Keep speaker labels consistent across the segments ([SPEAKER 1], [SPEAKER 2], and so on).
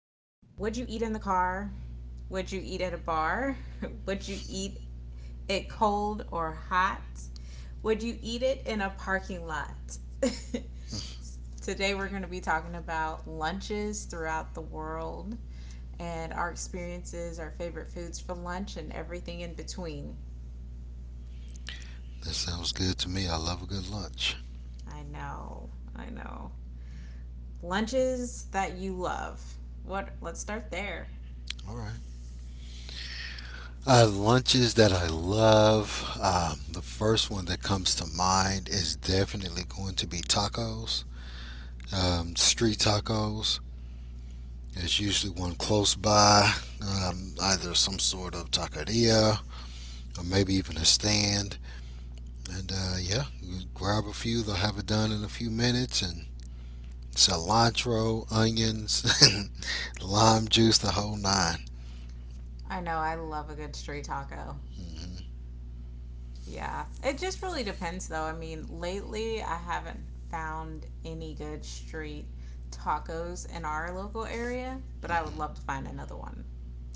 [SPEAKER 1] Would you eat in the car? Would you eat at a bar? Would you eat it cold or hot? Would you eat it in a parking lot? Today, we're going to be talking about lunches throughout the world and our experiences, our favorite foods for lunch, and everything in between.
[SPEAKER 2] That sounds good to me. I love a good lunch.
[SPEAKER 1] I know, I know. Lunches that you love. What? Let's start there.
[SPEAKER 2] All right. Lunches that I love. The first one that comes to mind is definitely going to be tacos. Street tacos. There's usually one close by, either some sort of taqueria or maybe even a stand. And yeah, you grab a few. They'll have it done in a few minutes. And cilantro, onions, lime juice, the whole nine.
[SPEAKER 1] I know. I love a good street taco.
[SPEAKER 2] Mm-hmm.
[SPEAKER 1] Yeah. It just really depends, though. I mean, lately I haven't found any good street tacos in our local area, but I would
[SPEAKER 2] Mm-hmm.
[SPEAKER 1] love to find another one.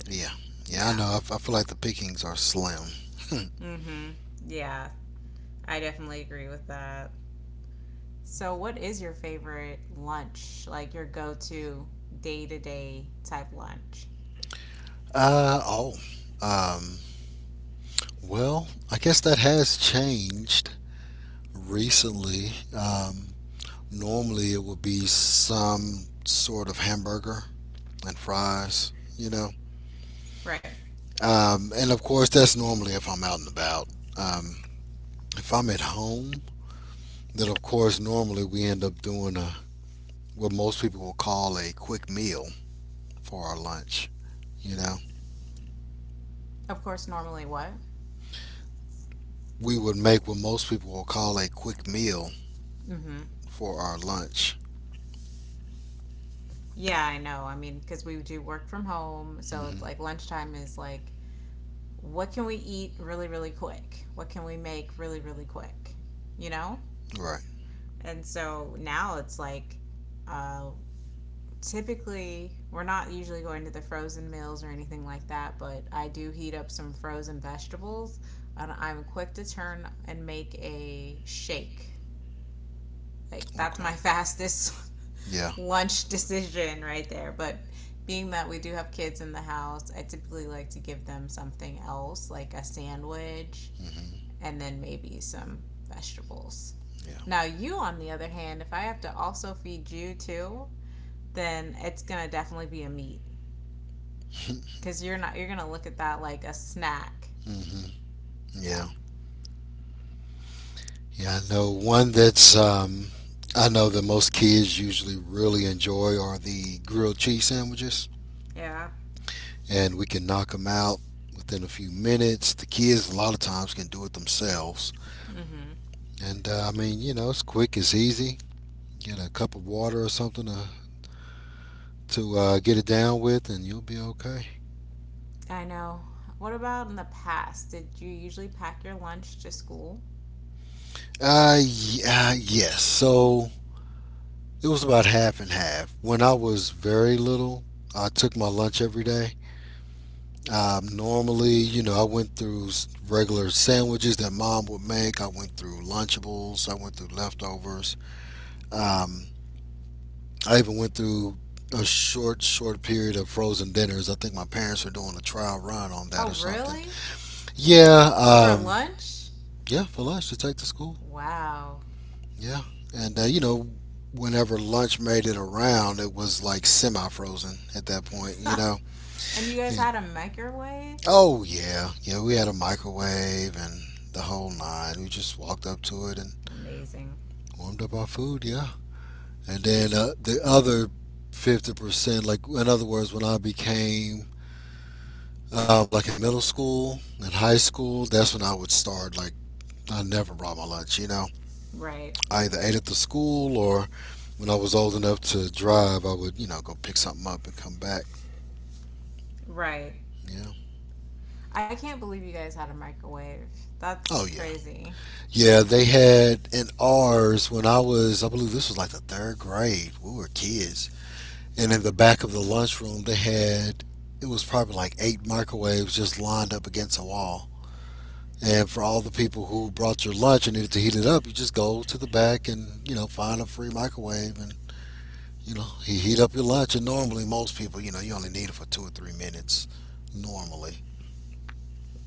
[SPEAKER 2] Yeah. Yeah, I
[SPEAKER 1] Yeah.
[SPEAKER 2] know. I feel like the pickings are slim.
[SPEAKER 1] Mm hmm. Yeah. I definitely agree with that. So, what is your favorite lunch? Like your go to day type lunch?
[SPEAKER 2] Uh oh. Um well, I guess that has changed recently. Normally it would be some sort of hamburger and fries, you know.
[SPEAKER 1] Right.
[SPEAKER 2] And of course that's normally if I'm out and about. Um if I'm at home, then of course normally we end up doing a what most people will call a quick meal for our lunch, you know.
[SPEAKER 1] Of course, normally what?
[SPEAKER 2] We would make what most people will call a quick meal
[SPEAKER 1] Mm hmm.
[SPEAKER 2] for our lunch.
[SPEAKER 1] Yeah, I know. I mean, because we do work from home. So, it's
[SPEAKER 2] Hmm.
[SPEAKER 1] like lunchtime is like what can we eat really, really quick? What can we make really, really quick? You know?
[SPEAKER 2] Right.
[SPEAKER 1] And so now it's like, uh, typically we're not usually going to the frozen meals or anything like that, but I do heat up some frozen vegetables and I'm quick to turn and make a shake. Like that's
[SPEAKER 2] Okay.
[SPEAKER 1] my fastest
[SPEAKER 2] Yeah.
[SPEAKER 1] lunch decision right there. But being that we do have kids in the house, I typically like to give them something else, like a sandwich
[SPEAKER 2] Hmm.
[SPEAKER 1] and then maybe some vegetables.
[SPEAKER 2] Yeah.
[SPEAKER 1] Now, you, on the other hand, if I have to also feed you too, then it's gonna definitely be a meat because you're not you're gonna look at that like a snack.
[SPEAKER 2] Hmm. Yeah.
[SPEAKER 1] Yeah.
[SPEAKER 2] Yeah. I know that most kids usually really enjoy are the grilled cheese sandwiches,
[SPEAKER 1] Yeah.
[SPEAKER 2] and we can knock them out within a few minutes. The kids a lot of times can do it themselves,
[SPEAKER 1] Mm-hmm.
[SPEAKER 2] and I mean, you know, it's quick, it's easy. Get a cup of water or something to get it down with, and you'll be okay.
[SPEAKER 1] I know. What about in the past? Did you usually pack your lunch to school?
[SPEAKER 2] Yeah, yes. So it was about half and half. When I was very little, I took my lunch every day. Normally, you know, I went through regular sandwiches that mom would make. I went through Lunchables. I went through leftovers. Um, I even went through a short period of frozen dinners. I think my parents were doing a trial run on that
[SPEAKER 1] Oh,
[SPEAKER 2] or something.
[SPEAKER 1] really?
[SPEAKER 2] Yeah.
[SPEAKER 1] For lunch?
[SPEAKER 2] Yeah, for lunch to take to school.
[SPEAKER 1] Wow.
[SPEAKER 2] Yeah. And, you know, whenever lunch made it around, it was like semi frozen at that point, you know?
[SPEAKER 1] And you guys
[SPEAKER 2] And,
[SPEAKER 1] had a microwave?
[SPEAKER 2] oh, yeah. Yeah, we had a microwave and the whole nine. We just walked up to it and
[SPEAKER 1] Amazing.
[SPEAKER 2] warmed up our food, yeah. And then the other 50%, like, in other words, when I became like in middle school and high school, that's when I would start, like, I never brought my lunch, you know?
[SPEAKER 1] Right.
[SPEAKER 2] I either ate at the school, or when I was old enough to drive, I would, you know, go pick something up and come back.
[SPEAKER 1] Right.
[SPEAKER 2] Yeah.
[SPEAKER 1] I can't believe you guys had a microwave. That's
[SPEAKER 2] Oh, yeah.
[SPEAKER 1] crazy.
[SPEAKER 2] Yeah, they had in ours when I was, I believe this was like the third grade. We were kids. And in the back of the lunchroom, they had, it was probably like eight microwaves just lined up against a wall. And for all the people who brought your lunch and needed to heat it up, you just go to the back and, you know, find a free microwave and, you know, he heat up your lunch, and normally most people, you know, you only need it for 2 or 3 minutes. Normally,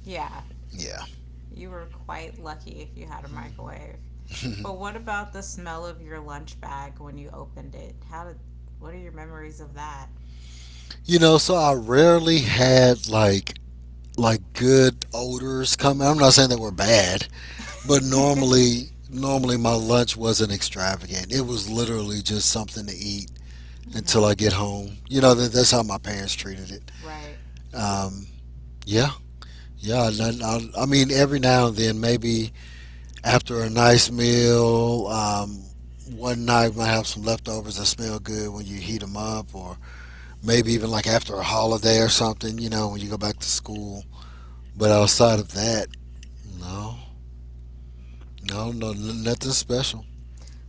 [SPEAKER 1] Yeah,
[SPEAKER 2] yeah.
[SPEAKER 1] you were quite lucky if you had a
[SPEAKER 2] Hmm.
[SPEAKER 1] microwave. But what about the smell of your lunch bag when you opened it? How did What are your memories of that?
[SPEAKER 2] You know, so I rarely had like good odors come. I'm not saying they were bad, but
[SPEAKER 1] Hmm.
[SPEAKER 2] normally my lunch wasn't extravagant. It was literally just something to eat until I get home. You know, that's how my parents treated it.
[SPEAKER 1] Right.
[SPEAKER 2] Um, yeah, yeah. And I mean, every now and then, maybe after a nice meal. One night might have some leftovers that smell good when you heat them up, or maybe even like after a holiday or something. You know, when you go back to school. But outside of that, no, no, no, nothing special.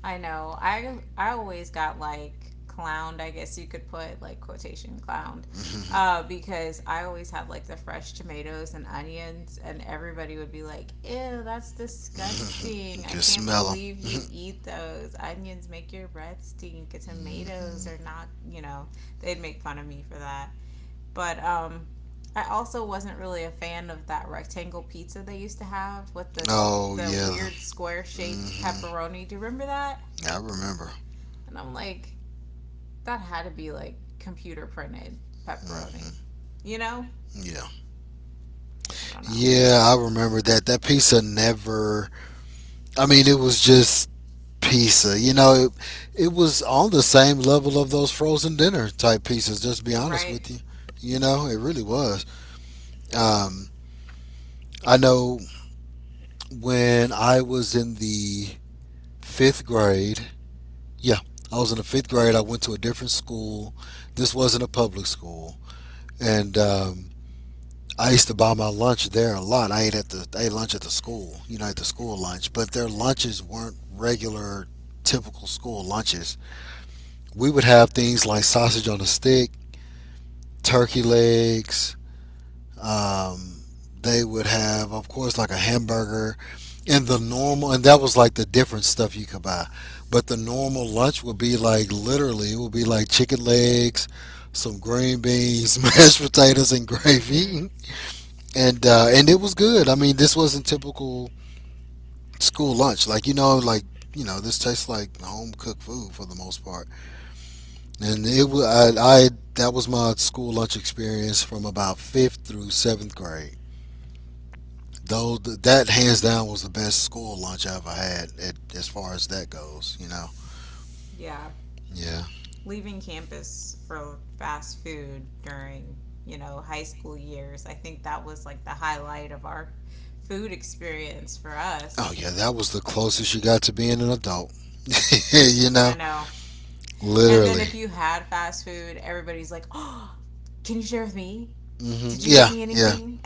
[SPEAKER 1] I know. I always got like clowned. I guess you could put like quotation clowned.
[SPEAKER 2] You
[SPEAKER 1] Because I always had like the fresh tomatoes and onions, and everybody would be like, "Ew, that's disgusting. I
[SPEAKER 2] can
[SPEAKER 1] can't
[SPEAKER 2] smell them.
[SPEAKER 1] believe you eat those. Onions make your breath stink. Tomatoes
[SPEAKER 2] Hmm.
[SPEAKER 1] are not, they'd make fun of me for that." But I also wasn't really a fan of that rectangle pizza they used to have with this
[SPEAKER 2] Oh
[SPEAKER 1] the
[SPEAKER 2] yeah.
[SPEAKER 1] weird square shaped
[SPEAKER 2] Hmm.
[SPEAKER 1] pepperoni. Do you remember that?
[SPEAKER 2] I remember.
[SPEAKER 1] And I'm like, that had to be like computer printed pepperoni. You know?
[SPEAKER 2] Yeah.
[SPEAKER 1] I don't know.
[SPEAKER 2] Yeah, I remember that. That pizza never. I mean, it was just pizza. You know, it was on the same level of those frozen dinner type pizzas. Just to be honest
[SPEAKER 1] Right?
[SPEAKER 2] with you, you know, it really was. Um, I know when I was in the fifth grade. Yeah, I was in the fifth grade. I went to a different school. This wasn't a public school, and I used to buy my lunch there a lot. I ate lunch at the school. You know, at the school lunch, but their lunches weren't regular, typical school lunches. We would have things like sausage on a stick, turkey legs. Um, they would have, of course, like a hamburger and the normal, and that was like the different stuff you could buy. But the normal lunch would be like, literally, it would be like chicken legs, some green beans, mashed potatoes, and
[SPEAKER 1] Mm-hmm.
[SPEAKER 2] gravy. And it was good. I mean, this wasn't typical school lunch. You know, this tastes like home cooked food for the most part. And it was I That was my school lunch experience from about fifth through seventh grade. Though that hands down was the best school lunch I ever had, as far as that goes. You know.
[SPEAKER 1] Yeah.
[SPEAKER 2] Yeah.
[SPEAKER 1] Leaving campus for fast food during, high school years, I think that was like the highlight of our food experience for
[SPEAKER 2] Oh
[SPEAKER 1] us.
[SPEAKER 2] yeah, that was the closest you got to being an adult. You
[SPEAKER 1] I
[SPEAKER 2] know,
[SPEAKER 1] know. And then
[SPEAKER 2] literally.
[SPEAKER 1] if you had fast food, everybody's like, oh, can you share with me?
[SPEAKER 2] Hmm.
[SPEAKER 1] Did you get
[SPEAKER 2] Yeah,
[SPEAKER 1] me
[SPEAKER 2] yeah.
[SPEAKER 1] anything?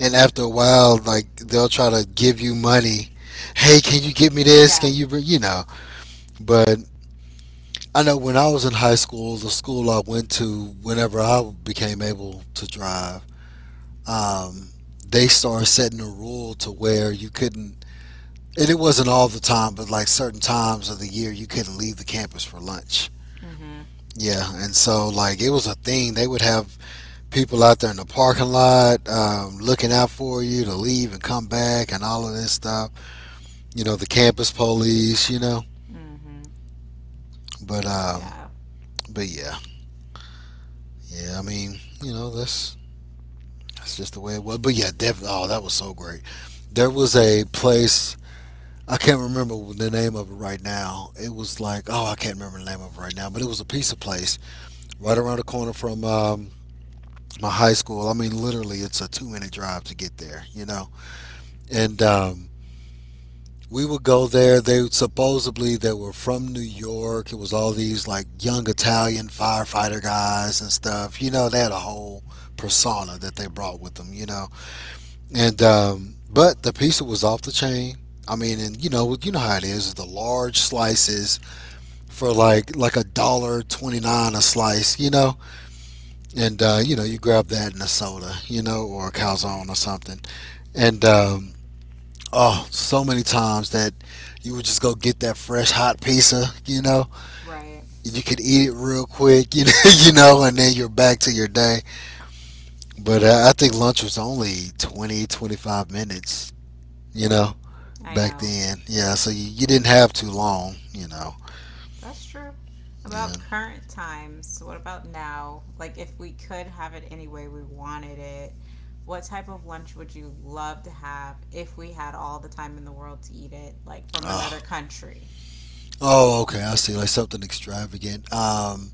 [SPEAKER 2] And after a while, like they'll try to give you money. Hey, can you get me this?
[SPEAKER 1] Yeah.
[SPEAKER 2] Can you, bring, you know? But I know when I was in high school, the school I went to, whenever I became able to drive, um, they started setting a rule to where you couldn't, and it wasn't all the time, but like certain times of the year, you couldn't leave the campus for lunch.
[SPEAKER 1] Mm-hmm.
[SPEAKER 2] Yeah, and so like it was a thing. They would have people out there in the parking lot, looking out for you to leave and come back and all of this stuff. You know, the campus police. You know,
[SPEAKER 1] Mm-hmm.
[SPEAKER 2] but um,
[SPEAKER 1] Yeah.
[SPEAKER 2] but yeah, yeah. I mean, you know, that's just the way it was. But yeah, Devin, oh, that was so great. There was a place, I can't remember the name of it right now. It was like, oh, I can't remember the name of it right now, but it was a pizza place right around the corner from my high school. I mean, literally, it's a 2 minute drive to get there, you know? And, we would go there. They Supposedly they were from New York. It was all these like young Italian firefighter guys and stuff. You know, they had a whole persona that they brought with them. You know, And but the pizza was off the chain. I mean, and you know how it is. The large slices for like a dollar twenty nine a slice, you know. And you know, you grab that in a soda, you know, or a
[SPEAKER 1] Mm-hmm.
[SPEAKER 2] calzone or something. And Oh, so many times that you would just go get that fresh hot pizza, you know.
[SPEAKER 1] Right.
[SPEAKER 2] You could eat it real quick, you know, you know, and then you're back to your day. But I think lunch was only 20 to 25 minutes, you know,
[SPEAKER 1] I
[SPEAKER 2] back
[SPEAKER 1] know.
[SPEAKER 2] then. Yeah, so you didn't have too long, you know.
[SPEAKER 1] That's true.
[SPEAKER 2] Yeah.
[SPEAKER 1] About current times, what about now? Like, if we could have it any way we wanted it, what type of lunch would you love to have if we had all the time in the world to eat it? Like, from another
[SPEAKER 2] Oh,
[SPEAKER 1] country?
[SPEAKER 2] oh okay. I see. Like something extravagant. Um,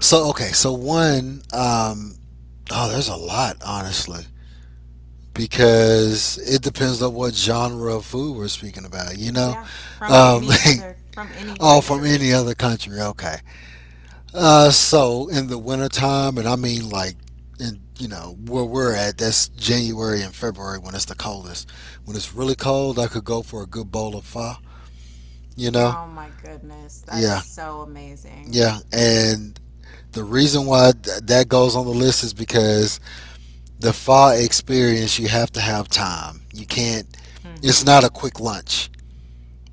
[SPEAKER 2] so, Okay. So, one, oh, there's a lot, honestly, because it depends on what genre of food we're speaking about, you know?
[SPEAKER 1] Yeah,
[SPEAKER 2] Um,
[SPEAKER 1] from any
[SPEAKER 2] oh, from
[SPEAKER 1] country.
[SPEAKER 2] any other country. Okay. So in the wintertime, and I mean like, in, you know, where we're at, that's January and February when it's the coldest. When it's really cold, I could go for a good bowl of pho. You know,
[SPEAKER 1] Oh my goodness, that is
[SPEAKER 2] yeah,
[SPEAKER 1] so amazing.
[SPEAKER 2] yeah. And the reason why that goes on the list is because the pho experience, you have to have time. You can't.
[SPEAKER 1] Mm
[SPEAKER 2] It's
[SPEAKER 1] hmm.
[SPEAKER 2] not a quick lunch.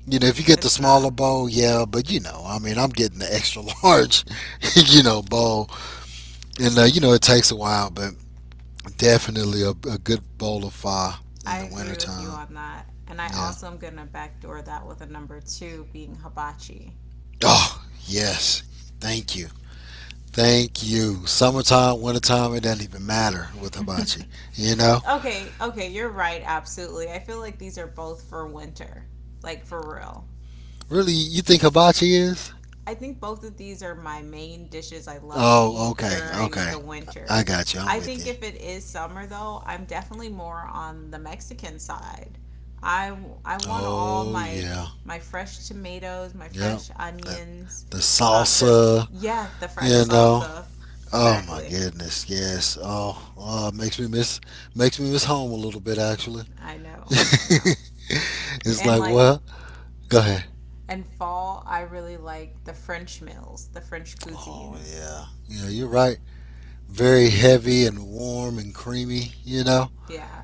[SPEAKER 2] You know, if you get the
[SPEAKER 1] It's
[SPEAKER 2] smaller
[SPEAKER 1] not.
[SPEAKER 2] bowl, yeah, but you know, I mean, I'm getting the extra large, you know, bowl, and you know, it takes a while, but definitely a good bowl of pho
[SPEAKER 1] I
[SPEAKER 2] in the
[SPEAKER 1] agree with you
[SPEAKER 2] wintertime.
[SPEAKER 1] on that. And I
[SPEAKER 2] Yeah.
[SPEAKER 1] also am going to backdoor that with a number two being hibachi.
[SPEAKER 2] Oh, yes. Thank you. Thank you. Summertime, wintertime, it doesn't even matter with hibachi. You know?
[SPEAKER 1] Okay, okay, you're right, absolutely. I feel like these are both for winter, like for real.
[SPEAKER 2] Really, you think hibachi is?
[SPEAKER 1] I think both of these are my main dishes I love to
[SPEAKER 2] Oh,
[SPEAKER 1] eat
[SPEAKER 2] okay.
[SPEAKER 1] during
[SPEAKER 2] Okay.
[SPEAKER 1] the
[SPEAKER 2] I
[SPEAKER 1] winter.
[SPEAKER 2] got you. I'm
[SPEAKER 1] I
[SPEAKER 2] with
[SPEAKER 1] think if
[SPEAKER 2] you.
[SPEAKER 1] it is summer though, I'm definitely more on the Mexican side. I I want all
[SPEAKER 2] Oh,
[SPEAKER 1] my
[SPEAKER 2] yeah.
[SPEAKER 1] my fresh tomatoes, my
[SPEAKER 2] Yep.
[SPEAKER 1] fresh
[SPEAKER 2] The,
[SPEAKER 1] onions,
[SPEAKER 2] the
[SPEAKER 1] this
[SPEAKER 2] salsa,
[SPEAKER 1] yeah, the fresh
[SPEAKER 2] you know?
[SPEAKER 1] salsa.
[SPEAKER 2] Oh, my
[SPEAKER 1] Exactly.
[SPEAKER 2] goodness. Yes. Oh, oh, it makes me miss home a little bit, actually.
[SPEAKER 1] I know. I know.
[SPEAKER 2] It's
[SPEAKER 1] And
[SPEAKER 2] like,
[SPEAKER 1] like
[SPEAKER 2] well, go ahead.
[SPEAKER 1] in fall, I really like the French meals, the French
[SPEAKER 2] Oh
[SPEAKER 1] cuisines.
[SPEAKER 2] yeah. Yeah, you're right. Very heavy and warm and creamy, you know?
[SPEAKER 1] Yeah.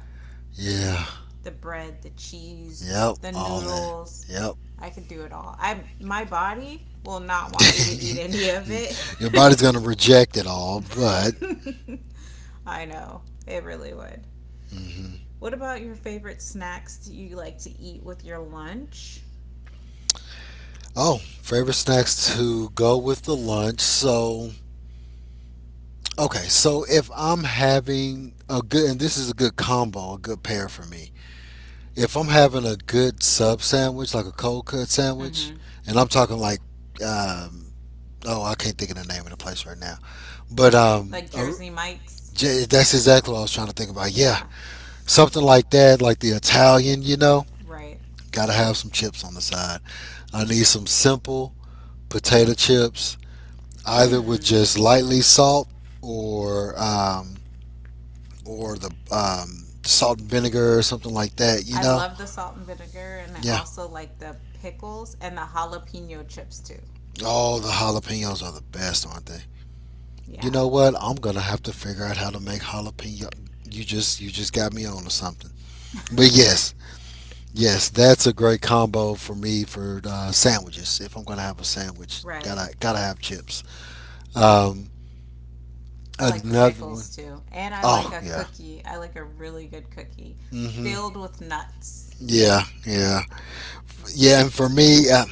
[SPEAKER 2] Yeah.
[SPEAKER 1] The bread, the cheese,
[SPEAKER 2] Yep,
[SPEAKER 1] the
[SPEAKER 2] all that.
[SPEAKER 1] noodles.
[SPEAKER 2] Yep.
[SPEAKER 1] I could do it all. I my body will not want me to eat any of it.
[SPEAKER 2] Your body's gonna reject it all, but
[SPEAKER 1] I know. It really would.
[SPEAKER 2] hmm
[SPEAKER 1] What about your favorite snacks do you like to eat with your lunch?
[SPEAKER 2] oh, favorite snacks to go with the lunch. So okay, so if I'm having a good, and this is a good combo, a good pair for me. If I'm having a good sub sandwich, like a cold cut sandwich,
[SPEAKER 1] Mhm.
[SPEAKER 2] and I'm talking like um, oh, I can't think of the name of the place right now. But
[SPEAKER 1] Like Jersey Mike's.
[SPEAKER 2] J- that's exactly what I was trying to think about. Yeah,
[SPEAKER 1] Yeah,
[SPEAKER 2] something like that, like the Italian.
[SPEAKER 1] right.
[SPEAKER 2] Gotta have some chips on the side. I need some simple potato chips, either with
[SPEAKER 1] Mhm.
[SPEAKER 2] just lightly salt or um, or the salt and vinegar or something like that, you
[SPEAKER 1] I
[SPEAKER 2] know.
[SPEAKER 1] love the salt and vinegar and I
[SPEAKER 2] Yeah.
[SPEAKER 1] also like the pickles and the jalapeno chips too.
[SPEAKER 2] Oh, the jalapenos are the best, aren't they? You
[SPEAKER 1] Yeah.
[SPEAKER 2] know what? I'm gonna have to figure out how to make jalapeno. You just got me on to something. But yes, yes, that's a great combo for me for sandwiches. If I'm gonna have a sandwich,
[SPEAKER 1] Right.
[SPEAKER 2] gotta have chips. Um,
[SPEAKER 1] I like the
[SPEAKER 2] another one.
[SPEAKER 1] pickles too. And I like
[SPEAKER 2] Oh
[SPEAKER 1] a
[SPEAKER 2] yeah.
[SPEAKER 1] cookie. I like a really good cookie
[SPEAKER 2] Mm
[SPEAKER 1] filled
[SPEAKER 2] hmm.
[SPEAKER 1] with nuts.
[SPEAKER 2] Yeah, yeah, yeah. And for me,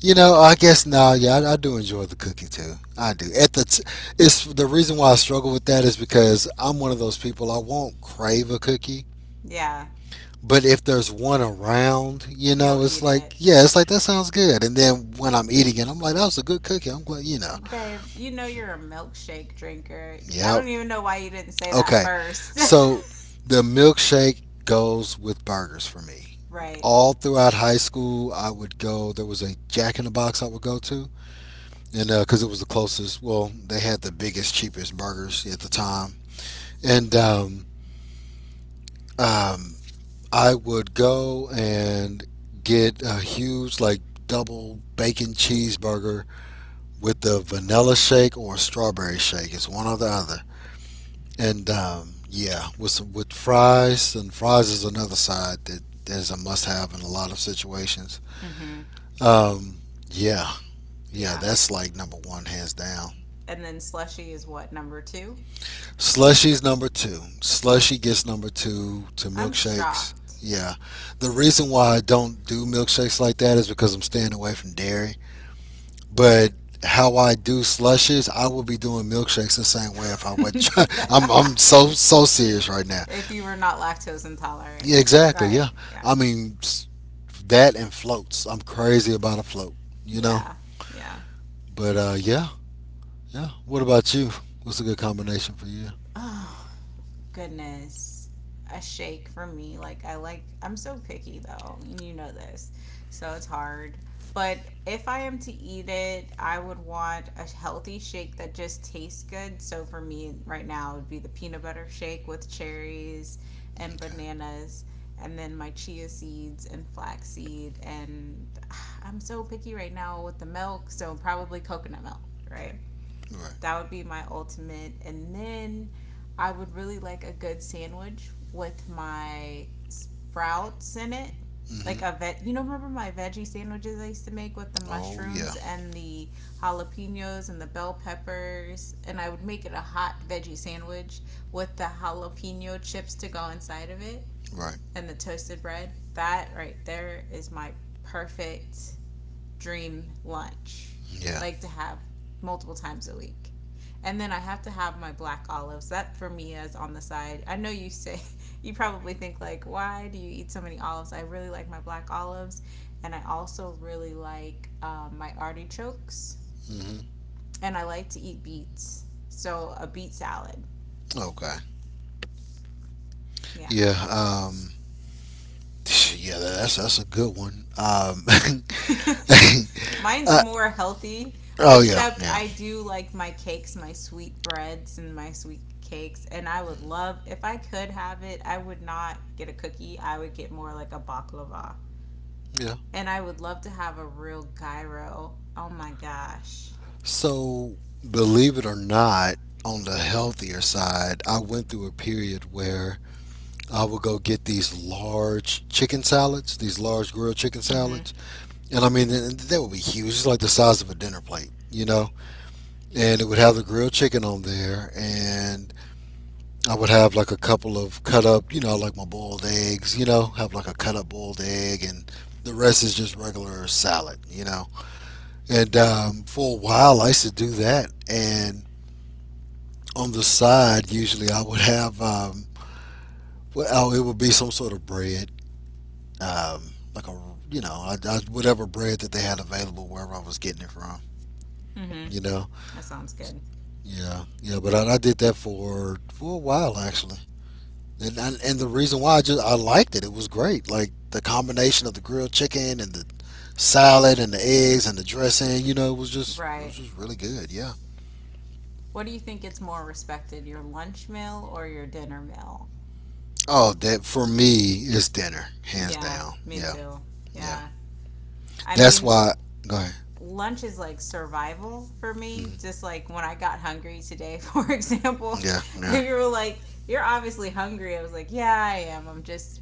[SPEAKER 2] you know, I guess no. Yeah, I do enjoy the cookie too. I do. It's the reason why I struggle with that is because I'm one of those people. I won't crave a cookie,
[SPEAKER 1] Yeah,
[SPEAKER 2] but if there's one around, you know,
[SPEAKER 1] you'll
[SPEAKER 2] it's
[SPEAKER 1] eat
[SPEAKER 2] like
[SPEAKER 1] it.
[SPEAKER 2] yeah, it's like that sounds good. And then when I'm eating it, I'm like, that was a good cookie. I'm glad, you know.
[SPEAKER 1] Babe, you know you're a milkshake drinker. I
[SPEAKER 2] Yep.
[SPEAKER 1] don't even know why you didn't say that
[SPEAKER 2] Okay,
[SPEAKER 1] first.
[SPEAKER 2] so the milkshake goes with burgers for me.
[SPEAKER 1] Right.
[SPEAKER 2] All throughout high school, I would go. There was a Jack in the Box I would go to, and because it was the closest, well, they had the biggest, cheapest burgers at the time, and um, I would go and get a huge, like double bacon cheeseburger with the vanilla shake or strawberry shake. It's one or the other. And yeah, with some, with fries, and fries is another side that is a must-have in a lot of situations.
[SPEAKER 1] Mm hmm.
[SPEAKER 2] Um, yeah, yeah,
[SPEAKER 1] Yeah.
[SPEAKER 2] that's like number one, hands down.
[SPEAKER 1] And then slushy is what, number two?
[SPEAKER 2] Slushy's number two. Slushy gets number two to
[SPEAKER 1] I'm
[SPEAKER 2] milkshakes.
[SPEAKER 1] shocked.
[SPEAKER 2] Yeah, the reason why I don't do milkshakes like that is because I'm staying away from dairy. But how I do slushes, I would be doing milkshakes the same way if I wasn't.
[SPEAKER 1] If
[SPEAKER 2] I'm so serious right now.
[SPEAKER 1] you were not lactose intolerant.
[SPEAKER 2] Yeah, exactly.
[SPEAKER 1] Right.
[SPEAKER 2] Yeah.
[SPEAKER 1] Yeah.
[SPEAKER 2] I mean, s- that and floats. I'm crazy about a float, you know?
[SPEAKER 1] Yeah. Yeah.
[SPEAKER 2] But yeah, yeah. What about you? What's a good combination for you?
[SPEAKER 1] Goodness, a shake for me. Like I'm so picky though, and you know this. So it's hard. But if I am to eat it, I would want a healthy shake that just tastes good. So for me right now it would be the peanut butter shake with cherries and
[SPEAKER 2] Okay.
[SPEAKER 1] bananas and then my chia seeds and flaxseed and I'm so picky right now with the milk, so probably coconut milk, right?
[SPEAKER 2] Right.
[SPEAKER 1] That would be my ultimate. And then I would really like a good sandwich with my sprouts in it. Like a
[SPEAKER 2] Hmm.
[SPEAKER 1] vet, remember my veggie sandwiches I used to make with the
[SPEAKER 2] Oh yeah.
[SPEAKER 1] mushrooms and the jalapenos and the bell peppers? And I would make it a hot veggie sandwich with the jalapeno chips to go inside of it
[SPEAKER 2] Right.
[SPEAKER 1] and the toasted bread. That right there is my perfect dream lunch,
[SPEAKER 2] Yeah.
[SPEAKER 1] like to have multiple times a week. And then I have to have my black olives. That for me is on the side. I know you say, you probably think, like, why do you eat so many olives? I really like my black olives. And I also really like my artichokes.
[SPEAKER 2] Hmm.
[SPEAKER 1] And I like to eat beets. So a beet salad.
[SPEAKER 2] Okay.
[SPEAKER 1] Yeah.
[SPEAKER 2] Yeah. Um, yeah, that's a good one.
[SPEAKER 1] Mine's
[SPEAKER 2] Uh,
[SPEAKER 1] more healthy, but
[SPEAKER 2] oh, yeah.
[SPEAKER 1] except
[SPEAKER 2] Yeah.
[SPEAKER 1] I do like my cakes, my sweet breads and my sweet cakes, and I would love if I could have it. I would not get a cookie. I would get more like a baklava,
[SPEAKER 2] Yeah.
[SPEAKER 1] and I would love to have a real gyro. Oh my gosh.
[SPEAKER 2] So, believe it or not, on the healthier side, I went through a period where I would go get these large chicken salads, these large grilled chicken
[SPEAKER 1] Mhm.
[SPEAKER 2] salads. And I mean, they would be huge, it's like the size of a dinner plate, you know? And it would have the grilled chicken on there. And I would have like a couple of cut up, you know, like my boiled eggs, you know, have like a cut up boiled egg. And the rest is just regular salad, you know? And for a while, I used to do that. And on the side, usually I would have, well, it would be some sort of bread like a whatever bread that they had available wherever I was getting it from.
[SPEAKER 1] Mhm.
[SPEAKER 2] You know,
[SPEAKER 1] That sounds good.
[SPEAKER 2] yeah, yeah. But I did that for a while actually, and the reason why I just I liked it. It was great, like the combination of the grilled chicken and the salad and the eggs and the dressing. You know, it was just it was
[SPEAKER 1] Right.
[SPEAKER 2] just really good. Yeah.
[SPEAKER 1] What do you think gets more respected, your lunch meal or your dinner meal?
[SPEAKER 2] Oh, that for me is dinner, hands
[SPEAKER 1] Yeah,
[SPEAKER 2] down.
[SPEAKER 1] me
[SPEAKER 2] Yeah,
[SPEAKER 1] too.
[SPEAKER 2] yeah.
[SPEAKER 1] Yeah. I
[SPEAKER 2] That's
[SPEAKER 1] mean,
[SPEAKER 2] why. Go ahead.
[SPEAKER 1] lunch is like survival for me.
[SPEAKER 2] Hmm.
[SPEAKER 1] Just like when I got hungry today, for example,
[SPEAKER 2] Yeah, yeah.
[SPEAKER 1] if you were like, you're obviously hungry, I was like, yeah, I am. I'm just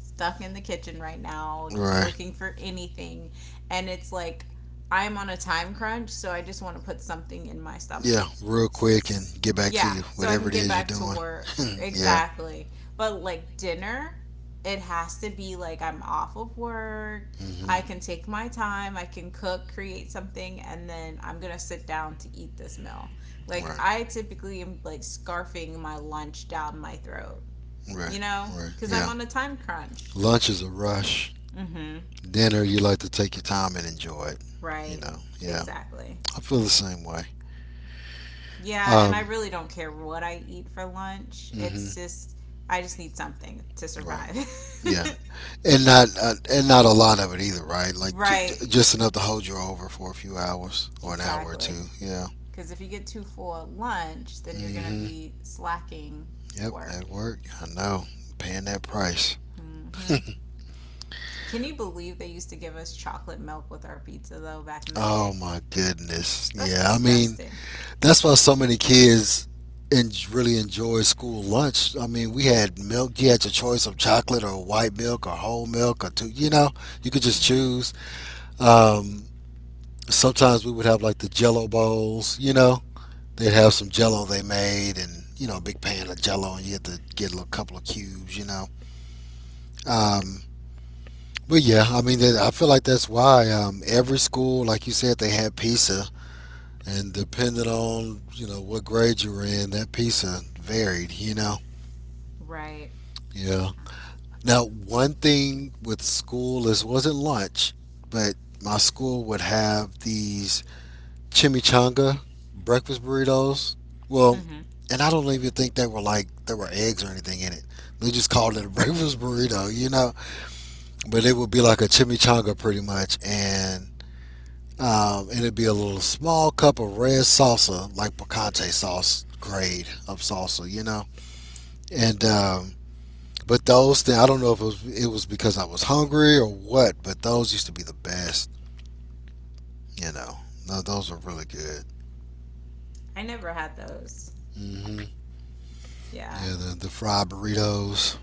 [SPEAKER 1] stuck in the kitchen right now, just
[SPEAKER 2] Right.
[SPEAKER 1] looking for anything. And it's like, I'm on a time crunch, so I just want to put something in my stomach.
[SPEAKER 2] Yeah, real quick and
[SPEAKER 1] S-
[SPEAKER 2] get back to
[SPEAKER 1] Yeah,
[SPEAKER 2] you,
[SPEAKER 1] so I can
[SPEAKER 2] whatever it
[SPEAKER 1] get
[SPEAKER 2] is you're
[SPEAKER 1] back to
[SPEAKER 2] doing.
[SPEAKER 1] work.
[SPEAKER 2] yeah.
[SPEAKER 1] Exactly. But like dinner, it has to be like I'm off of work. I
[SPEAKER 2] Hmm.
[SPEAKER 1] can take my time. I can cook, create something, and then I'm going to sit down to eat this meal. Like
[SPEAKER 2] Right.
[SPEAKER 1] I typically am like scarfing my lunch down my throat,
[SPEAKER 2] Right. Right.
[SPEAKER 1] because I'm
[SPEAKER 2] Yeah.
[SPEAKER 1] on a time crunch.
[SPEAKER 2] Lunch is a rush.
[SPEAKER 1] Mm-hmm.
[SPEAKER 2] Dinner, you like to take your time and enjoy it. You
[SPEAKER 1] Right.
[SPEAKER 2] know. Yeah.
[SPEAKER 1] Exactly.
[SPEAKER 2] I feel the same way.
[SPEAKER 1] Yeah, and I
[SPEAKER 2] Um.
[SPEAKER 1] really don't care what I eat for lunch. It's
[SPEAKER 2] Hmm.
[SPEAKER 1] just I just need something to
[SPEAKER 2] Right.
[SPEAKER 1] survive.
[SPEAKER 2] Yeah. And not a lot of it either. Right. Like
[SPEAKER 1] Right.
[SPEAKER 2] just enough to hold you over for a few hours or an hour or
[SPEAKER 1] Exactly.
[SPEAKER 2] two. Yeah.
[SPEAKER 1] Because if you get too full at lunch, then you're gonna
[SPEAKER 2] Hmm.
[SPEAKER 1] be slacking at
[SPEAKER 2] Yep. At
[SPEAKER 1] work.
[SPEAKER 2] work, I know. Paying that price.
[SPEAKER 1] Mm-hmm. Can you believe they used to give us chocolate milk with our pizza though back in the
[SPEAKER 2] Oh
[SPEAKER 1] day?
[SPEAKER 2] my goodness.
[SPEAKER 1] That's
[SPEAKER 2] Yeah, I mean,
[SPEAKER 1] disgusting.
[SPEAKER 2] that's why so many kids really enjoy school lunch. I mean, we had milk. You had your choice of chocolate or white milk or whole milk or two. You know, you could just
[SPEAKER 1] Mm-hmm.
[SPEAKER 2] choose. Um, sometimes we would have like the Jello bowls. You know, they'd have some Jello they made and you know a big pan of Jello, and you get to get a little couple of cubes. You know. Um, but yeah, I mean, that- I feel like that's why every school, like you said, they had pizza and depending on you know what grade you were in, that pizza varied. You know,
[SPEAKER 1] Right.
[SPEAKER 2] yeah. Now, one thing with school is wasn't lunch, but my school would have these chimichanga breakfast burritos. Well,
[SPEAKER 1] Mm-hmm.
[SPEAKER 2] and I don't even think they were like there were eggs or anything in it. They just called it a breakfast burrito, you know. But it would be like a chimichanga pretty much, and it'd be a little small cup of red salsa, like picante sauce grade of salsa, you know. And but those, things, I don't know if it was because I was hungry or what, but those used to be the best, you know. No, those were really good.
[SPEAKER 1] I never had those.
[SPEAKER 2] Hmm.
[SPEAKER 1] Yeah.
[SPEAKER 2] Yeah, the fried burritos.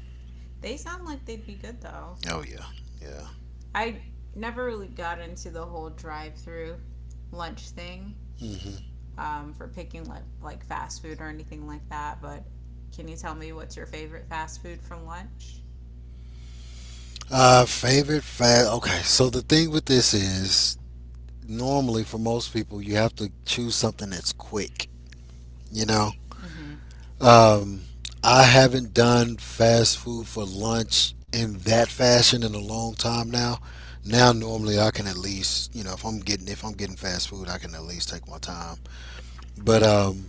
[SPEAKER 1] They sound like they'd be good though.
[SPEAKER 2] Oh yeah, yeah.
[SPEAKER 1] I never really got into the whole drive-through lunch thing
[SPEAKER 2] Hmm.
[SPEAKER 1] for picking like fast food or anything like that. But can you tell me what's your favorite fast food for lunch?
[SPEAKER 2] Favorite fast. Okay, so the thing with this is normally for most people you have to choose something that's quick, you know.
[SPEAKER 1] Mm-hmm.
[SPEAKER 2] Um, I haven't done fast food for lunch in that fashion in a long time now. Now normally I can at least, you know, if I'm getting fast food, I can at least take my time. But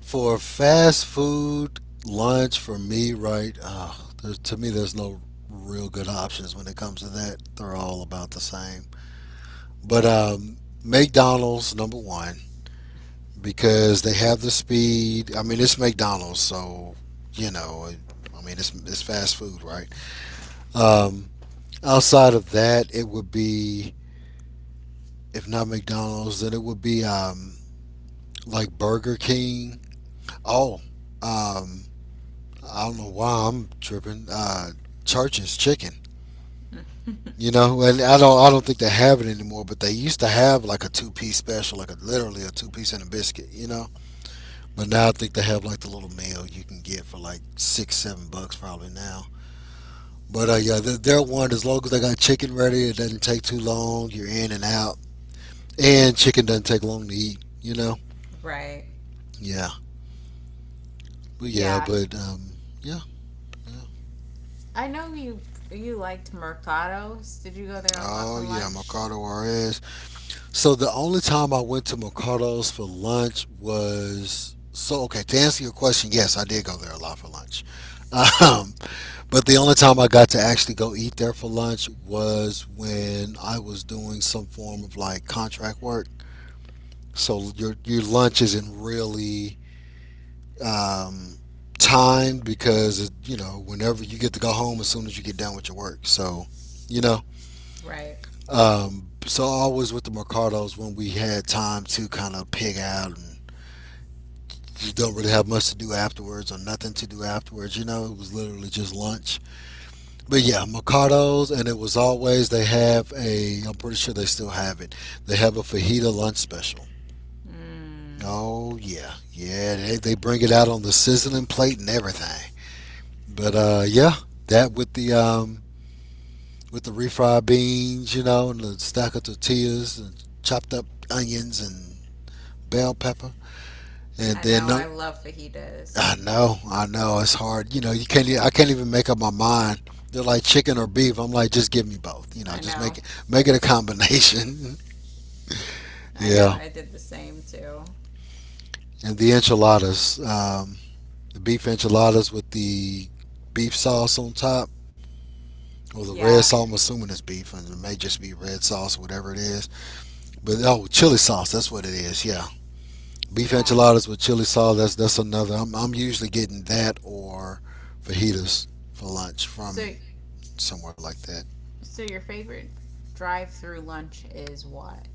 [SPEAKER 2] for fast food lunch for me, right? There's, to me, there's no real good options when it comes to that. They're all about the same. But McDonald's number one, because they have the speed. I mean, it's McDonald's, so you know, I mean, it's fast food, right? Um, outside of that, it would be if not McDonald's, then it would be like Burger King. Oh, um, I don't know why I'm tripping. Church's Chicken. You know, and I don't think they have it anymore, but they used to have like a two-piece special, like a, literally a two piece and a biscuit. You know, but now I think they have like the little meal you can get for like six, $7 probably now. But yeah, they're, one as long as they got chicken ready, it doesn't take too long. You're in and out, and chicken doesn't take long to eat. You know?
[SPEAKER 1] Right.
[SPEAKER 2] Yeah. But yeah,
[SPEAKER 1] Yeah.
[SPEAKER 2] but yeah, yeah.
[SPEAKER 1] I know you liked Mercados. Did you go there a lot for
[SPEAKER 2] Oh yeah,
[SPEAKER 1] lunch?
[SPEAKER 2] Mercado Juarez. So the only time I went to Mercado's for lunch was so okay. To answer your question, yes, I did go there a lot for lunch. Um, but the only time I got to actually go eat there for lunch was when I was doing some form of like contract work. So your lunch isn't really um, timed because you know whenever you get to go home as soon as you get done with your work. So you know,
[SPEAKER 1] Right.
[SPEAKER 2] so always with the Mercados when we had time to kind of pig out and you don't really have much to do afterwards or nothing to do afterwards. You know, it was literally just lunch. But yeah, Mercados, and it was always they have a. I'm pretty sure they still have it. They have a fajita lunch special.
[SPEAKER 1] Mm.
[SPEAKER 2] Oh yeah, yeah. They bring it out on the sizzling plate and everything. But yeah, that with the refried beans, you know, and the stack of tortillas, and chopped up onions and bell pepper, and
[SPEAKER 1] I
[SPEAKER 2] then
[SPEAKER 1] know.
[SPEAKER 2] no,
[SPEAKER 1] I love fajitas.
[SPEAKER 2] I know, I know. It's hard. You know, you can't. E- I can't even make up my mind. They're like chicken or beef. I'm like, just give me both. You know,
[SPEAKER 1] I
[SPEAKER 2] just
[SPEAKER 1] know.
[SPEAKER 2] make it a combination.
[SPEAKER 1] I know.
[SPEAKER 2] yeah,
[SPEAKER 1] I did the same too.
[SPEAKER 2] and the enchiladas, the beef enchiladas with the beef sauce on top, or the red
[SPEAKER 1] Yeah.
[SPEAKER 2] sauce. I'm assuming it's beef, and it may just be red sauce, whatever it is. But oh, chili sauce. That's what it is. Yeah, beef
[SPEAKER 1] Yeah.
[SPEAKER 2] enchiladas with chili sauce. That's another. I'm usually getting that or fajitas for lunch
[SPEAKER 1] So,
[SPEAKER 2] from somewhere like that.
[SPEAKER 1] so, your favorite drive-through lunch is what?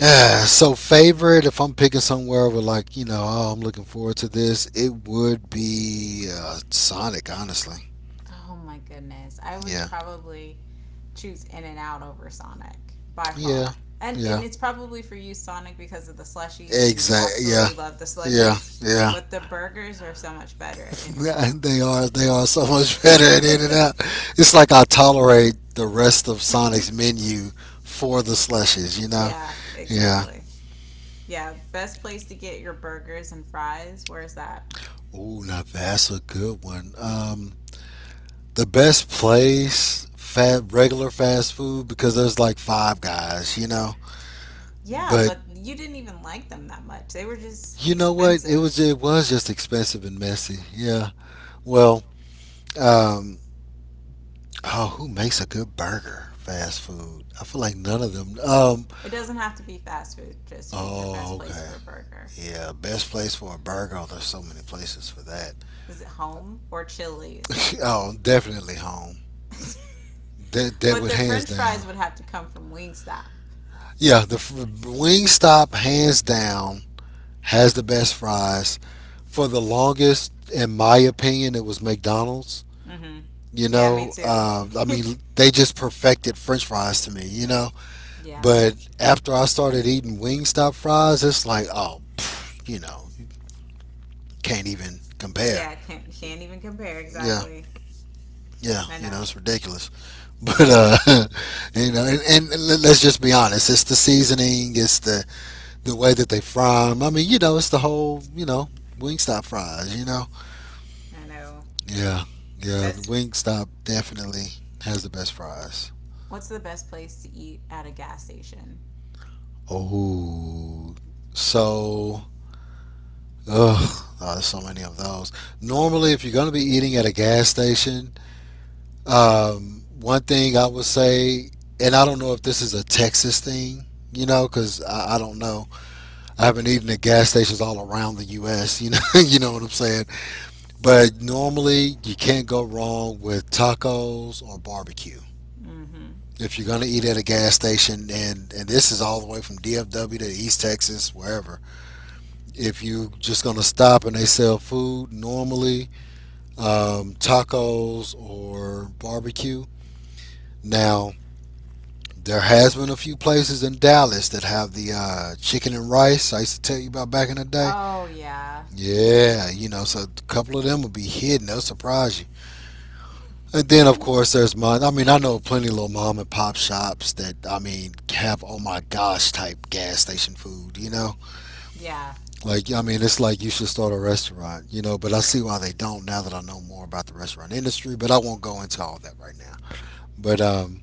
[SPEAKER 2] Ah, so favorite, if I'm picking somewhere over like, you know, oh, I'm looking forward to this, it would be Sonic, honestly.
[SPEAKER 1] Oh my goodness, I would
[SPEAKER 2] Yeah.
[SPEAKER 1] probably choose In n Out over Sonic by
[SPEAKER 2] Yeah.
[SPEAKER 1] far. And
[SPEAKER 2] Yeah.
[SPEAKER 1] it's probably for you Sonic because of the slushies and you
[SPEAKER 2] Exactly. Yeah.
[SPEAKER 1] absolutely love the
[SPEAKER 2] Yeah.
[SPEAKER 1] slushies,
[SPEAKER 2] Yeah.
[SPEAKER 1] but the burgers are so much better at In n Out.
[SPEAKER 2] They are so much better at In and Out. It's like I tolerate the rest of Sonic's menu for the slushes, you know?
[SPEAKER 1] Yeah,
[SPEAKER 2] Yeah.
[SPEAKER 1] exactly. Yeah, best place to get your burgers and fries. Where is that?
[SPEAKER 2] Ooh, now that's a good one. The best place fat regular fast food because there's like five guys, you know?
[SPEAKER 1] Yeah,
[SPEAKER 2] But
[SPEAKER 1] but you didn't even like them that much. They were just
[SPEAKER 2] you know what? It was
[SPEAKER 1] expensive.
[SPEAKER 2] it was just expensive and messy. Yeah. Well, um, oh, who makes a good burger? Fast food. I feel like none of them.
[SPEAKER 1] It doesn't have to be fast food, just who's your
[SPEAKER 2] Oh,
[SPEAKER 1] best place
[SPEAKER 2] okay.
[SPEAKER 1] for a burger?
[SPEAKER 2] Yeah, best place for a burger. Oh, there's so many places for that.
[SPEAKER 1] Is it home or Chili's?
[SPEAKER 2] Oh, definitely home. That that
[SPEAKER 1] But
[SPEAKER 2] would
[SPEAKER 1] the
[SPEAKER 2] hands
[SPEAKER 1] french fries
[SPEAKER 2] down.
[SPEAKER 1] would have to come from Wingstop.
[SPEAKER 2] Yeah, Wingstop hands down has the best fries. For the longest, in my opinion, it was McDonald's.
[SPEAKER 1] Mm-hmm.
[SPEAKER 2] You
[SPEAKER 1] Yeah, me
[SPEAKER 2] know,
[SPEAKER 1] too.
[SPEAKER 2] I mean, they just perfected French fries to me. You know,
[SPEAKER 1] Yeah.
[SPEAKER 2] but after I started eating Wingstop fries, it's like, oh, pff, you know, you can't even compare.
[SPEAKER 1] Yeah, can't even compare
[SPEAKER 2] Yeah,
[SPEAKER 1] exactly.
[SPEAKER 2] yeah,
[SPEAKER 1] I
[SPEAKER 2] you know,
[SPEAKER 1] know.
[SPEAKER 2] it's ridiculous. But you know, let's just be honest, it's the seasoning, it's the way that they fry 'em. I mean, you know, it's the whole, you know, Wingstop fries. You know,
[SPEAKER 1] I know.
[SPEAKER 2] yeah, yeah, the
[SPEAKER 1] Best.
[SPEAKER 2] Wingstop definitely has the best fries.
[SPEAKER 1] What's the best place to eat at a gas station?
[SPEAKER 2] Oh, so oh, there's so many of those. Normally, if you're going to be eating at a gas station, one thing I would say, and I don't know if this is a Texas thing, you know, because I don't know. I haven't eaten at gas stations all around the U.S. You know, you know what I'm saying. But normally, you can't go wrong with tacos or barbecue
[SPEAKER 1] Mm-hmm.
[SPEAKER 2] if you're going to eat at a gas station, and this is all the way from DFW to East Texas, wherever. If you are just going to stop and they sell food normally, tacos or barbecue. Now, there has been a few places in Dallas that have the chicken and rice I used to tell you about back in the day.
[SPEAKER 1] Oh, yeah.
[SPEAKER 2] Yeah, you know, so a couple of them will be hidden. They'll surprise you. And then, of course, there's mine. I mean, I know plenty of little mom and pop shops that, I mean, have oh my gosh type gas station food, you know?
[SPEAKER 1] Yeah.
[SPEAKER 2] Like, I mean, it's like you should start a restaurant, you know? But I see why they don't now that I know more about the restaurant industry, but I won't go into all that right now. But, um,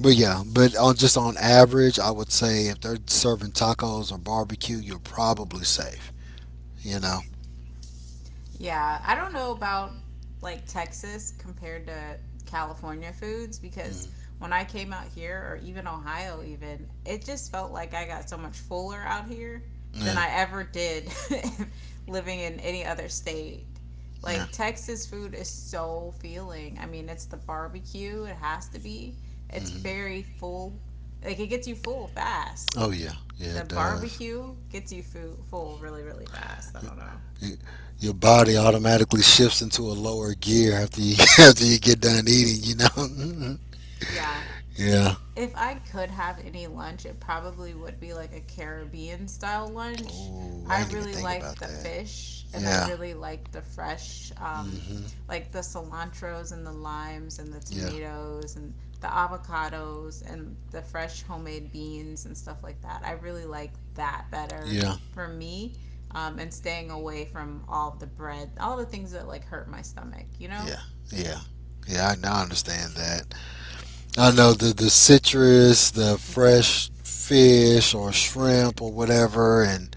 [SPEAKER 2] But yeah, but on average, I would say if they're serving tacos or barbecue, you're probably safe. You know.
[SPEAKER 1] Yeah, I don't know about like Texas compared to California foods because
[SPEAKER 2] Mm,
[SPEAKER 1] when I came out here or even Ohio even, it just felt like I got so much fuller out here than
[SPEAKER 2] yeah.
[SPEAKER 1] I ever did living in any other state.
[SPEAKER 2] Yeah.
[SPEAKER 1] Like Texas food is so feeling. I mean, it's the barbecue, it has to be. It's
[SPEAKER 2] Hmm.
[SPEAKER 1] very full. Like it gets you full fast.
[SPEAKER 2] Oh yeah. Yeah,
[SPEAKER 1] The
[SPEAKER 2] it does.
[SPEAKER 1] barbecue gets you full really really fast. I don't know.
[SPEAKER 2] Y Your body automatically shifts into a lower gear after you after you get done eating. You know. Mhm.
[SPEAKER 1] Yeah,
[SPEAKER 2] Yeah.
[SPEAKER 1] if I could have any lunch, it probably would be like a Caribbean style lunch.
[SPEAKER 2] Oh, I
[SPEAKER 1] I
[SPEAKER 2] didn't even
[SPEAKER 1] really
[SPEAKER 2] think
[SPEAKER 1] like
[SPEAKER 2] about
[SPEAKER 1] the
[SPEAKER 2] that.
[SPEAKER 1] fish and I
[SPEAKER 2] Yeah.
[SPEAKER 1] really like the fresh,
[SPEAKER 2] Hmm.
[SPEAKER 1] like the cilantros and the limes and the
[SPEAKER 2] Yeah.
[SPEAKER 1] tomatoes and the avocados and the fresh homemade beans and stuff like that. I really like that better
[SPEAKER 2] Yeah.
[SPEAKER 1] for me and staying away from all the bread, all the things that like hurt my stomach, you know?
[SPEAKER 2] Yeah. Yeah. Yeah. I now understand that. I know the citrus, the fresh fish or shrimp or whatever, and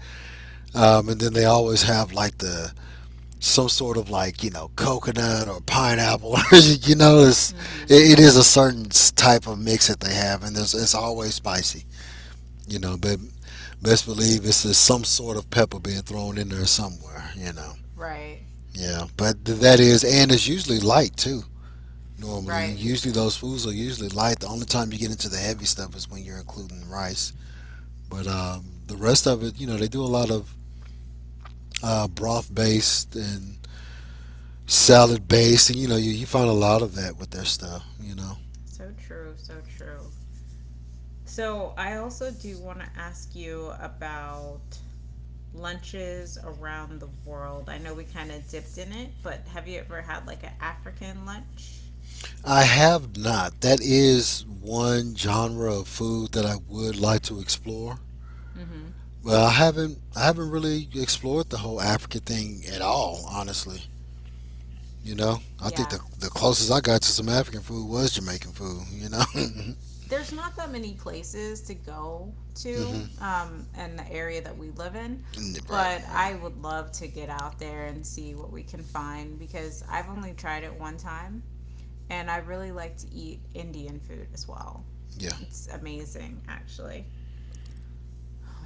[SPEAKER 2] um, and then they always have like the some sort of like you know coconut or pineapple. you know, it's,
[SPEAKER 1] Mm-hmm.
[SPEAKER 2] it, it is a certain type of mix that they have, and it's always spicy. You know, but best believe it's just some sort of pepper being thrown in there somewhere. You know,
[SPEAKER 1] Right.
[SPEAKER 2] yeah, but that is, and it's usually light too.
[SPEAKER 1] Right.
[SPEAKER 2] Usually those foods are usually light. The only time you get into the heavy stuff is when you're including rice. But the rest of it, you know, they do a lot of broth based and salad based, and you know, you find a lot of that with their stuff. You know,
[SPEAKER 1] So true. So true. So I also do want to ask you about lunches around the world. I know we kind of dipped in it, but have you ever had like an African lunch?
[SPEAKER 2] I have not. That is one genre of food that I would like to explore.
[SPEAKER 1] Mm-hmm.
[SPEAKER 2] Well, I haven't really explored the whole African thing at all, honestly. You know, I think
[SPEAKER 1] Yeah.
[SPEAKER 2] the closest I got to some African food was Jamaican food. You know.
[SPEAKER 1] There's not that many places to go to
[SPEAKER 2] Hmm.
[SPEAKER 1] in the area that we live in,
[SPEAKER 2] Right,
[SPEAKER 1] but
[SPEAKER 2] right.
[SPEAKER 1] I would love to get out there and see what we can find because I've only tried it one time and I really like to eat Indian food as well.
[SPEAKER 2] Yeah.
[SPEAKER 1] It's amazing, actually.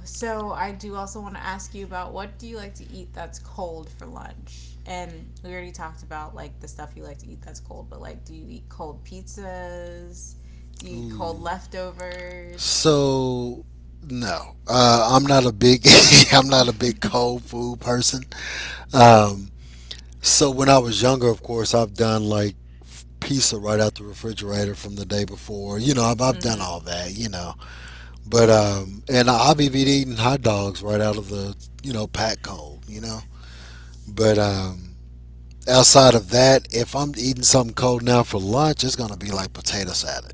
[SPEAKER 1] So, I do also want to ask you about what do you like to eat that's cold for lunch? And we already talked about like the stuff you like to eat that's cold, but like do you eat cold pizzas? Do you eat
[SPEAKER 2] Ooh.
[SPEAKER 1] cold leftovers?
[SPEAKER 2] So no, I'm not a big I'm not a big cold food person. Um, so when I was younger, of course, I've done like pizza right out the refrigerator from the day before. You know, I've done
[SPEAKER 1] Mm-hmm.
[SPEAKER 2] all that. You know, but and I've even eating hot dogs right out of the you know pack cold. You know, but outside of that, if I'm eating something cold now for lunch, it's gonna be like potato salad.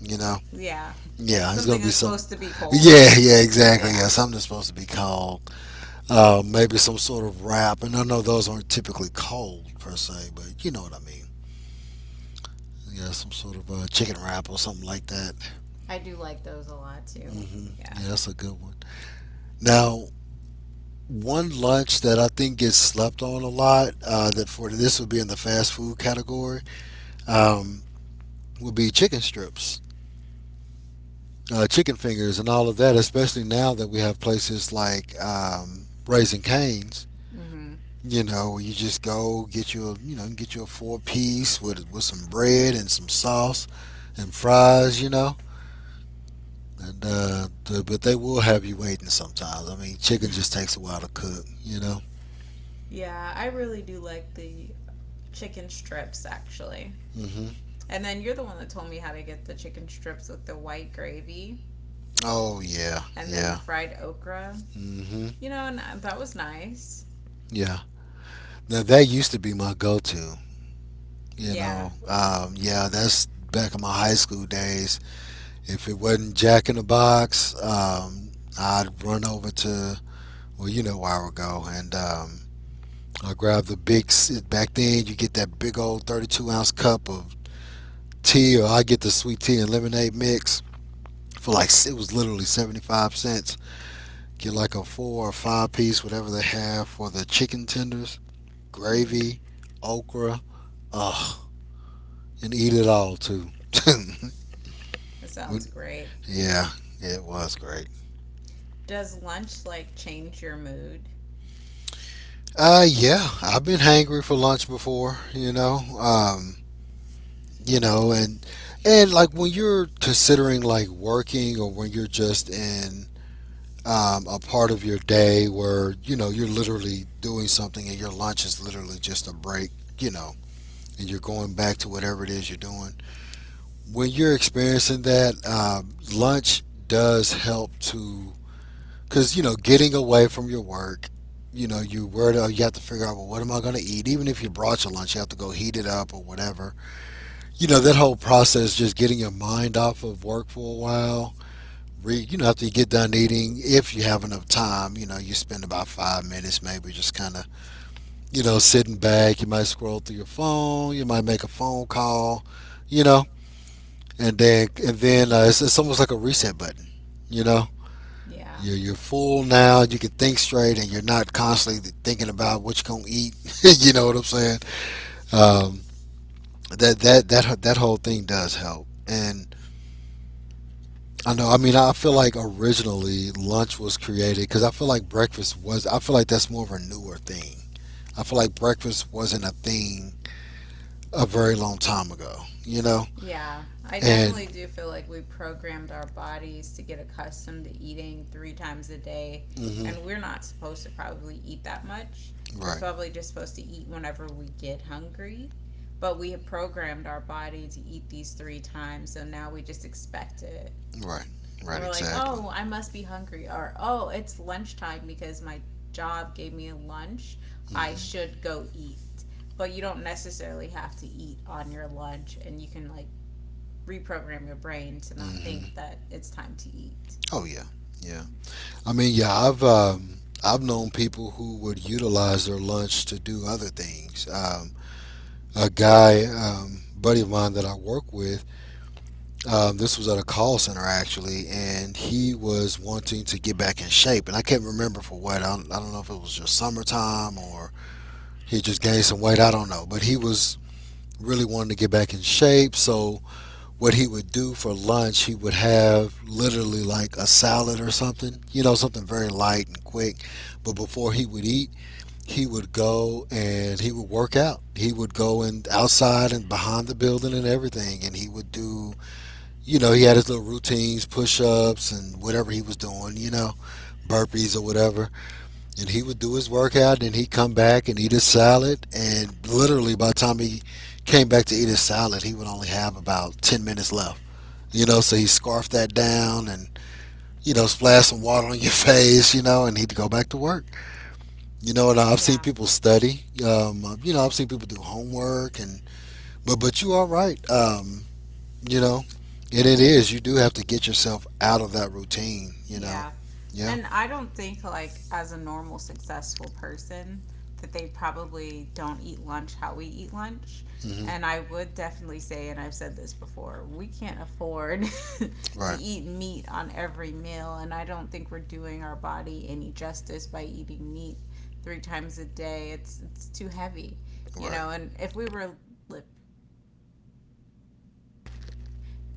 [SPEAKER 2] You know,
[SPEAKER 1] Yeah.
[SPEAKER 2] yeah, it's gonna
[SPEAKER 1] Something
[SPEAKER 2] be
[SPEAKER 1] that's
[SPEAKER 2] some.
[SPEAKER 1] supposed to be cold.
[SPEAKER 2] Yeah, yeah, exactly. Yeah,
[SPEAKER 1] Yeah.
[SPEAKER 2] something that's supposed to be cold. Maybe some sort of wrap, and I know those aren't typically cold per se, but you know what I mean. Yeah, some sort of chicken wrap or something like that.
[SPEAKER 1] I do like those a lot too.
[SPEAKER 2] Hmm.
[SPEAKER 1] Yeah.
[SPEAKER 2] Yeah, that's a good one. Now, one lunch that I think gets slept on a lot that for this would be in the fast food category, um, would be chicken strips, chicken fingers, and all of that. Especially now that we have places like Raising Cane's.
[SPEAKER 1] Mm-hmm.
[SPEAKER 2] You know, you just go get you a you know get you a four piece with some bread and some sauce and fries. You know, but they will have you waiting sometimes. I mean, chicken just takes a while to cook. You know.
[SPEAKER 1] Yeah, I really do like the chicken strips actually.
[SPEAKER 2] Hmm.
[SPEAKER 1] And then you're the one that told me how to get the chicken strips with the white gravy
[SPEAKER 2] Oh yeah,
[SPEAKER 1] and then the
[SPEAKER 2] yeah.
[SPEAKER 1] fried okra.
[SPEAKER 2] Hmm.
[SPEAKER 1] You know, and that was nice.
[SPEAKER 2] Yeah. Now that used to be my go-to. You
[SPEAKER 1] Yeah.
[SPEAKER 2] know. Yeah, that's back in my high school days. If it wasn't Jack in the Box, I'd run over to well, you know where I would go and. I grab the big back then. You get that big old 32-ounce ounce cup of tea, or I get the sweet tea and lemonade mix for like it was literally 75 cents. Get like a four or five-piece, whatever they have for the chicken tenders,
[SPEAKER 1] Mm-hmm.
[SPEAKER 2] gravy, okra, ugh, and eat it all too.
[SPEAKER 1] That sounds great.
[SPEAKER 2] Yeah, it was great.
[SPEAKER 1] Does lunch like change your mood?
[SPEAKER 2] Yeah, I've been hangry for lunch before, you know. You know and like when you're considering like working or when you're just in a part of your day where you know you're literally doing something and your lunch is literally just a break, you know, and you're going back to whatever it is you're doing. When you're experiencing that, lunch does help to because you know getting away from your work, you know you have to figure out well what am I going to eat. Even if you brought your lunch you have to go heat it up or whatever, you know, that whole process just getting your mind off of work for a while. You know after you get done eating if you have enough time you know you spend about 5 minutes maybe just kind of you know sitting back, you might scroll through your phone, you might make a phone call, you know. And then It's almost like a reset button, you know.
[SPEAKER 1] Yeah.
[SPEAKER 2] You're full now, you can think straight and you're not constantly thinking about what you're going to eat. You know what I'm saying. um, that whole thing does help. And I know. I mean, I feel like originally lunch was created because I feel like breakfast was. I feel like that's more of a newer thing. I feel like breakfast wasn't a thing a very long time ago. You know,
[SPEAKER 1] Yeah, I
[SPEAKER 2] and
[SPEAKER 1] definitely do feel like we programmed our bodies to get accustomed to eating three times a day,
[SPEAKER 2] hmm
[SPEAKER 1] and we're not supposed to probably eat that much. We're
[SPEAKER 2] right,
[SPEAKER 1] probably just supposed to eat whenever we get hungry, but we have programmed our body to eat these three times, so now we just expect it.
[SPEAKER 2] right,
[SPEAKER 1] And
[SPEAKER 2] right,
[SPEAKER 1] we're like,
[SPEAKER 2] exactly.
[SPEAKER 1] oh, I must be hungry, or oh, it's lunchtime because my job gave me a lunch. I
[SPEAKER 2] Hmm.
[SPEAKER 1] should go eat. But you don't necessarily have to eat on your lunch, and you can like reprogram your brain to not
[SPEAKER 2] Hmm.
[SPEAKER 1] think that it's time to eat.
[SPEAKER 2] Oh yeah, yeah. I mean, yeah. I've known people who would utilize their lunch to do other things. A guy, buddy of mine that I work with. This was at a call center actually, and he was wanting to get back in shape, and I can't remember for what. I don't know if it was just summertime or he just gained some weight. I don't know, but he was really wanting to get back in shape. So what he would do for lunch, he would have literally like a salad or something, you know, something very light and quick. But before he would eat, he would go and he would work out. He would go and outside and behind the building and everything, and he would do you know, he had his little routines, push ups and whatever he was doing, you know, burpees or whatever. And he would do his workout and he'd come back and eat his salad. And literally by the time he came back to eat his salad, he would only have about 10 minutes left. You know, so he scarfed that down and, you know, splashed some water on your face, you know, and he'd go back to work. You know, and I've seen
[SPEAKER 1] Yeah,
[SPEAKER 2] people study. You know, I've seen people do homework and, but you are right. You know, and it is. You do have to get yourself out of that routine. You know.
[SPEAKER 1] yeah.
[SPEAKER 2] Yeah.
[SPEAKER 1] And I don't think, like, as a normal, successful person, that they probably don't eat lunch how we eat lunch.
[SPEAKER 2] hmm
[SPEAKER 1] And I would definitely say, and I've said this before, we can't afford to
[SPEAKER 2] Right.
[SPEAKER 1] eat meat on every meal. And I don't think we're doing our body any justice by eating meat three times a day. It's too heavy, you
[SPEAKER 2] Right.
[SPEAKER 1] know. Li-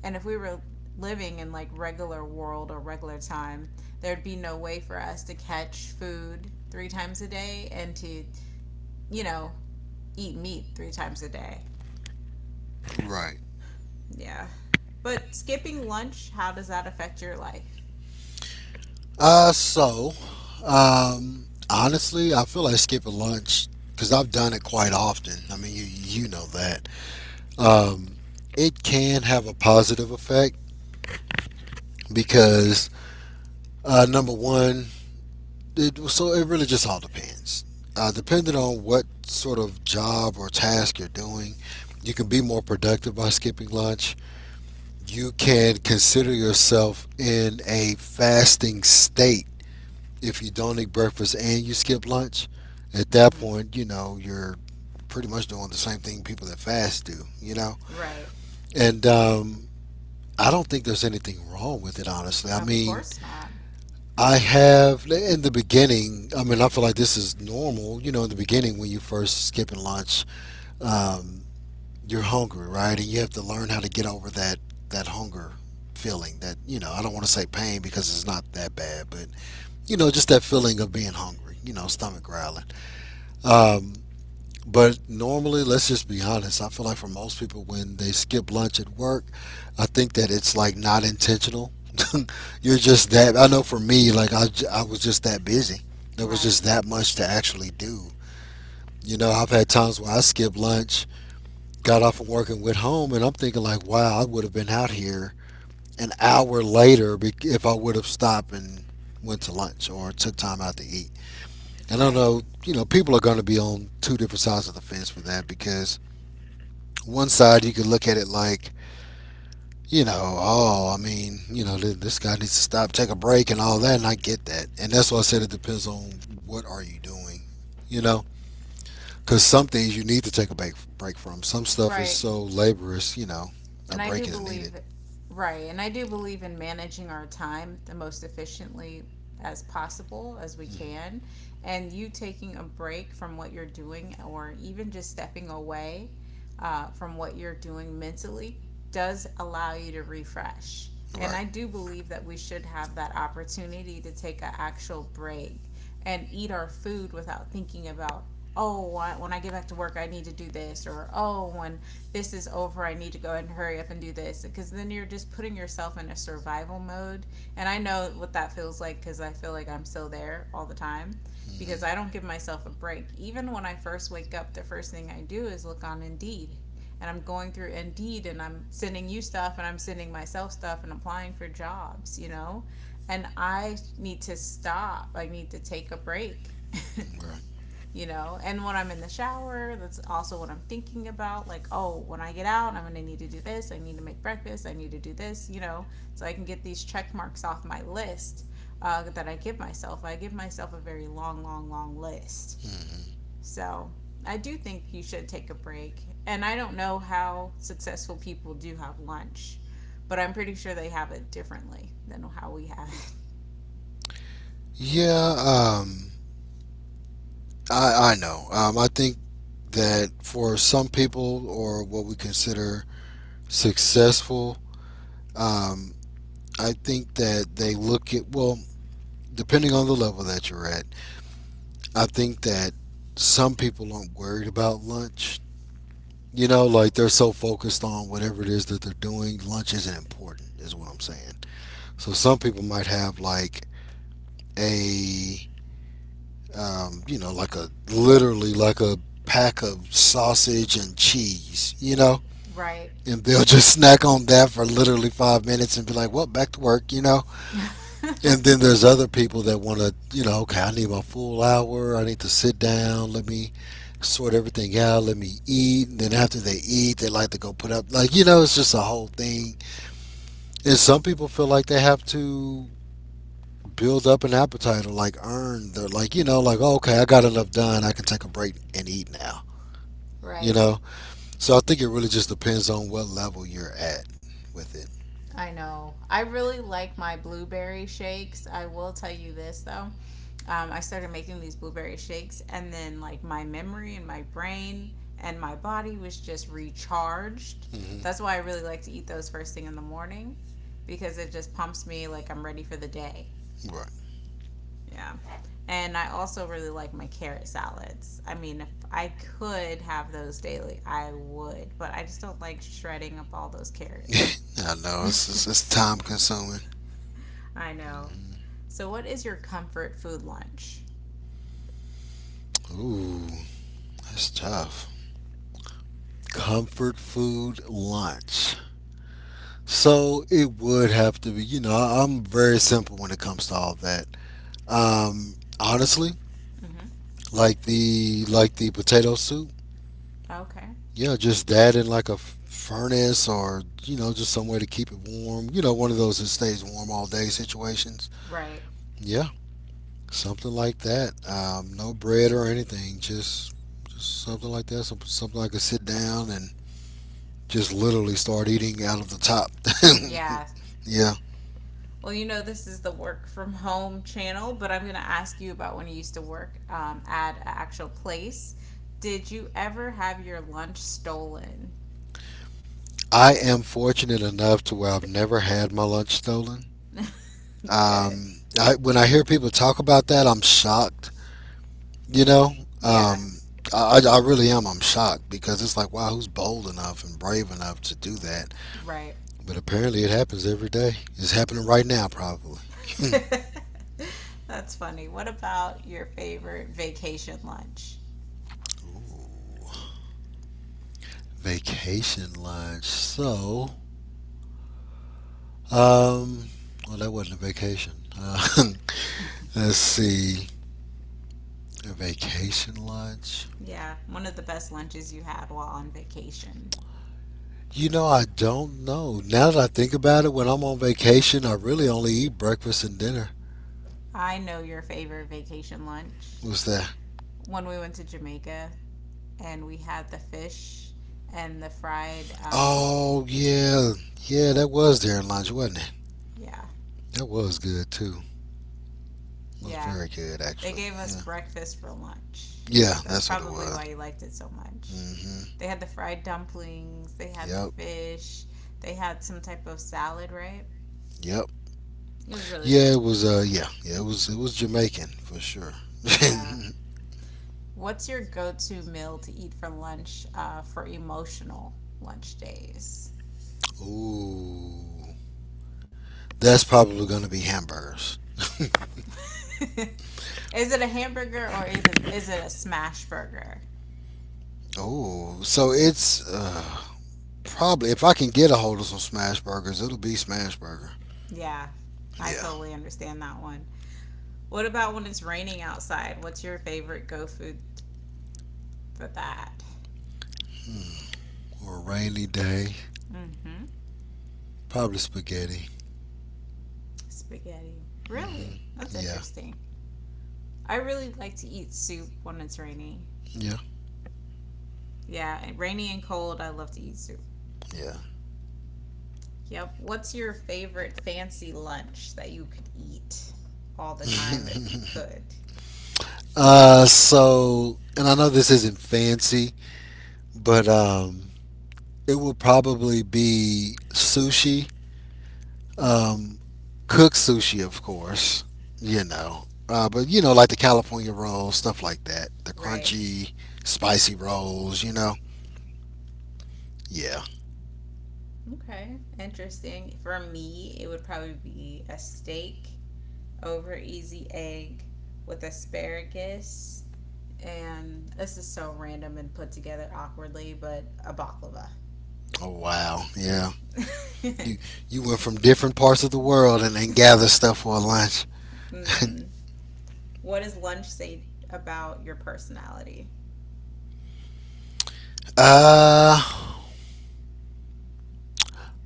[SPEAKER 1] And if we were living in like regular world or regular time, there'd be no way for us to catch food three times a day and to, you know, eat meat three times a day.
[SPEAKER 2] Right.
[SPEAKER 1] Yeah. But skipping lunch, how does that affect your life?
[SPEAKER 2] So, honestly, I feel like skipping lunch because I've done it quite often. I mean, you know that. Um, it can have a positive effect because number one, so it really just all depends. Depending on what sort of job or task you're doing, you can be more productive by skipping lunch. You can consider yourself in a fasting state if you don't eat breakfast and you skip lunch. At that
[SPEAKER 1] Mm-hmm.
[SPEAKER 2] point, you're pretty much doing the same thing people that fast do, you know?
[SPEAKER 1] Right.
[SPEAKER 2] And I don't think there's anything wrong with it, honestly. I
[SPEAKER 1] Of
[SPEAKER 2] mean,
[SPEAKER 1] course not.
[SPEAKER 2] I have, in the beginning, I mean, I feel like this is normal, in the beginning when you first skipping lunch. Um, you're hungry, right? And you have to learn how to get over that that hunger feeling that I don't want to say pain because it's not that bad, but just that feeling of being hungry, stomach growling. Um, but normally, let's just be honest. I feel like for most people, when they skip lunch at work, I think that it's like not intentional. You're just that. I know for me, like I was just that busy. There was
[SPEAKER 1] Right.
[SPEAKER 2] just that much to actually do. You know, I've had times where I skip lunch got off from work and went home, and I'm thinking like, wow, I would have been out here an hour later if I would have stopped and went to lunch or took time out to eat. And I don't
[SPEAKER 1] Right.
[SPEAKER 2] know, people are going to be on two different sides of the fence for that because one side you could look at it like, oh, I mean, this guy needs to stop, take a break, and all that, and I get that. And that's why I said it depends on what are you doing, you know, because some things you need to take a break from. Some stuff is
[SPEAKER 1] Right.
[SPEAKER 2] so laborious, a
[SPEAKER 1] And I do
[SPEAKER 2] break is needed.
[SPEAKER 1] believe, Right, and I do believe in managing our time the most efficiently as possible as we
[SPEAKER 2] Mhm.
[SPEAKER 1] can. And you taking a break from what you're doing or even just stepping away from what you're doing mentally does allow you to refresh. And
[SPEAKER 2] Right.
[SPEAKER 1] I do believe that we should have that opportunity to take an actual break and eat our food without thinking about, oh, when I get back to work, I need to do this, or oh, when this is over. I need to go ahead and hurry up and do this. Because then you're just putting yourself in a survival mode. And I know what that feels like because I feel like I'm still there all the time
[SPEAKER 2] hmm
[SPEAKER 1] because I don't give myself a break. Even when I first wake up, the first thing I do is look on Indeed. And I'm going through Indeed and I'm sending you stuff and I'm sending myself stuff and applying for jobs, you know? And I need to stop. I need to take a break.
[SPEAKER 2] Right.
[SPEAKER 1] You know, and when I'm in the shower, that's also what I'm thinking about, like, oh, when I get out, I'm going to need to do this. I need to make breakfast. I need to do this, you know, so I can get these check marks off my list, that I give myself. I give myself a very long long long list,
[SPEAKER 2] Mm.
[SPEAKER 1] so I do think you should take a break, and I don't know how successful people do have lunch, but I'm pretty sure they have it differently than how we have it.
[SPEAKER 2] Yeah, I know. I think that for some people, or what we consider successful, um, I think that they look at, well, depending on the level that you're at, I think that some people aren't worried about lunch. You know, like they're so focused on whatever it is that they're doing, lunch isn't important, is what I'm saying. So some people might have like a, you know, like a literally like a pack of sausage and cheese, you know,
[SPEAKER 1] Right.
[SPEAKER 2] and they'll just snack on that for literally 5 minutes and be like, well, back to work, you know. And then there's other people that want to, you know, okay, I need my full hour. I need to sit down. Let me sort everything out. Let me eat. And then after they eat, they like to go put up, like, you know, it's just a whole thing. And some people feel like they have to build up an appetite or like earn their, like, you know, like, oh, okay, I got enough done. I can take a break and eat now, you
[SPEAKER 1] Right.
[SPEAKER 2] know? So I think it really just depends on what level you're at with it.
[SPEAKER 1] I know. I really like my blueberry shakes. I will tell you this though. I started making these blueberry shakes, and then like my memory and my brain and my body was just recharged.
[SPEAKER 2] Hmm
[SPEAKER 1] That's why I really like to eat those first thing in the morning because it just pumps me like I'm ready for the day.
[SPEAKER 2] Right.
[SPEAKER 1] Yeah. And I also really like my carrot salads. I mean, if I could have those daily, I would, but I just don't like shredding up all those carrots.
[SPEAKER 2] I know, it's time consuming.
[SPEAKER 1] I know. So, what is your comfort food lunch?
[SPEAKER 2] Hmm Ooh. It's tough. Comfort food lunch. So it would have to be, you know, I'm very simple when it comes to all that. Honestly,
[SPEAKER 1] Mm-hmm.
[SPEAKER 2] like the potato soup.
[SPEAKER 1] Okay.
[SPEAKER 2] Yeah, just that in like a furnace or you know just somewhere to keep it warm. You know, one of those that stays warm all day situations.
[SPEAKER 1] Right.
[SPEAKER 2] Yeah, something like that. No bread or anything. Just something like that. Something I could sit down and just literally start eating out of the top.
[SPEAKER 1] Yeah.
[SPEAKER 2] Yeah.
[SPEAKER 1] Well, you know, this is the work from home channel, but I'm going to ask you about when you used to work at an actual place. Did you ever have your lunch stolen?
[SPEAKER 2] I am fortunate enough to where I've never had my lunch stolen.
[SPEAKER 1] Good.
[SPEAKER 2] When I hear people talk about that, I'm shocked. You know,
[SPEAKER 1] Yeah.
[SPEAKER 2] um, I really am. I'm shocked because it's like, wow, who's bold enough and brave enough to do that?
[SPEAKER 1] Right.
[SPEAKER 2] But apparently, it happens every day. It's happening right now, probably.
[SPEAKER 1] That's funny. What about your favorite vacation lunch?
[SPEAKER 2] Ooh, vacation lunch. So, um, well, that wasn't a vacation. Uh, let's see, a vacation lunch.
[SPEAKER 1] Yeah, one of the best lunches you had while on vacation.
[SPEAKER 2] You know, I don't know. Now that I think about it, when I'm on vacation, I really only eat breakfast and dinner.
[SPEAKER 1] I know your favorite vacation lunch.
[SPEAKER 2] What's that?
[SPEAKER 1] When we went to Jamaica and we had the fish and the fried.
[SPEAKER 2] Oh, yeah. Yeah, that was during lunch, wasn't it?
[SPEAKER 1] Yeah,
[SPEAKER 2] That was good, too. It was
[SPEAKER 1] yeah.
[SPEAKER 2] very good,
[SPEAKER 1] They
[SPEAKER 2] actually.
[SPEAKER 1] gave us
[SPEAKER 2] Yeah.
[SPEAKER 1] breakfast for lunch.
[SPEAKER 2] Yeah,
[SPEAKER 1] That's
[SPEAKER 2] that's what it
[SPEAKER 1] probably
[SPEAKER 2] was.
[SPEAKER 1] why you liked it so much.
[SPEAKER 2] Hmm
[SPEAKER 1] They had the fried dumplings, they had the
[SPEAKER 2] Yep.
[SPEAKER 1] fish, they had some type of salad, right?
[SPEAKER 2] Yep.
[SPEAKER 1] It was really
[SPEAKER 2] Yeah,
[SPEAKER 1] good.
[SPEAKER 2] it was, yeah. Yeah, it was Jamaican, for sure.
[SPEAKER 1] Yeah. What's your go to meal to eat for lunch for emotional lunch days?
[SPEAKER 2] Ooh. That's probably going to be hamburgers.
[SPEAKER 1] Is it a hamburger or is it a smash burger?
[SPEAKER 2] Oh, so probably, if I can get a hold of some smash burgers, it'll be smash burger.
[SPEAKER 1] Yeah, I
[SPEAKER 2] Yeah.
[SPEAKER 1] totally understand that one. What about when it's raining outside? What's your favorite go food for that?
[SPEAKER 2] Mm. Or a rainy day.
[SPEAKER 1] Mm-hmm.
[SPEAKER 2] Probably spaghetti.
[SPEAKER 1] Spaghetti.
[SPEAKER 2] Hmm
[SPEAKER 1] Really? That's
[SPEAKER 2] Yeah.
[SPEAKER 1] interesting. I really like to eat soup when it's rainy.
[SPEAKER 2] Yeah.
[SPEAKER 1] Yeah, and rainy and cold, I love to eat soup.
[SPEAKER 2] Yeah.
[SPEAKER 1] Yep. What's your favorite fancy lunch that you could eat all the time if you could?
[SPEAKER 2] So, and I know this isn't fancy, but it will probably be sushi.
[SPEAKER 1] Mm-hmm.
[SPEAKER 2] Um, Cooked sushi, of course. You know, but you know, like the California rolls, stuff like that. The
[SPEAKER 1] Right.
[SPEAKER 2] crunchy, spicy rolls. You know. Yeah.
[SPEAKER 1] Okay. Interesting. For me, it would probably be a steak over easy egg with asparagus and this is so random and put together awkwardly, but a baklava.
[SPEAKER 2] Oh wow, yeah. You you went from different parts of the world and gathered stuff for a lunch.
[SPEAKER 1] Mm-hmm. What does lunch say about your personality?
[SPEAKER 2] uh,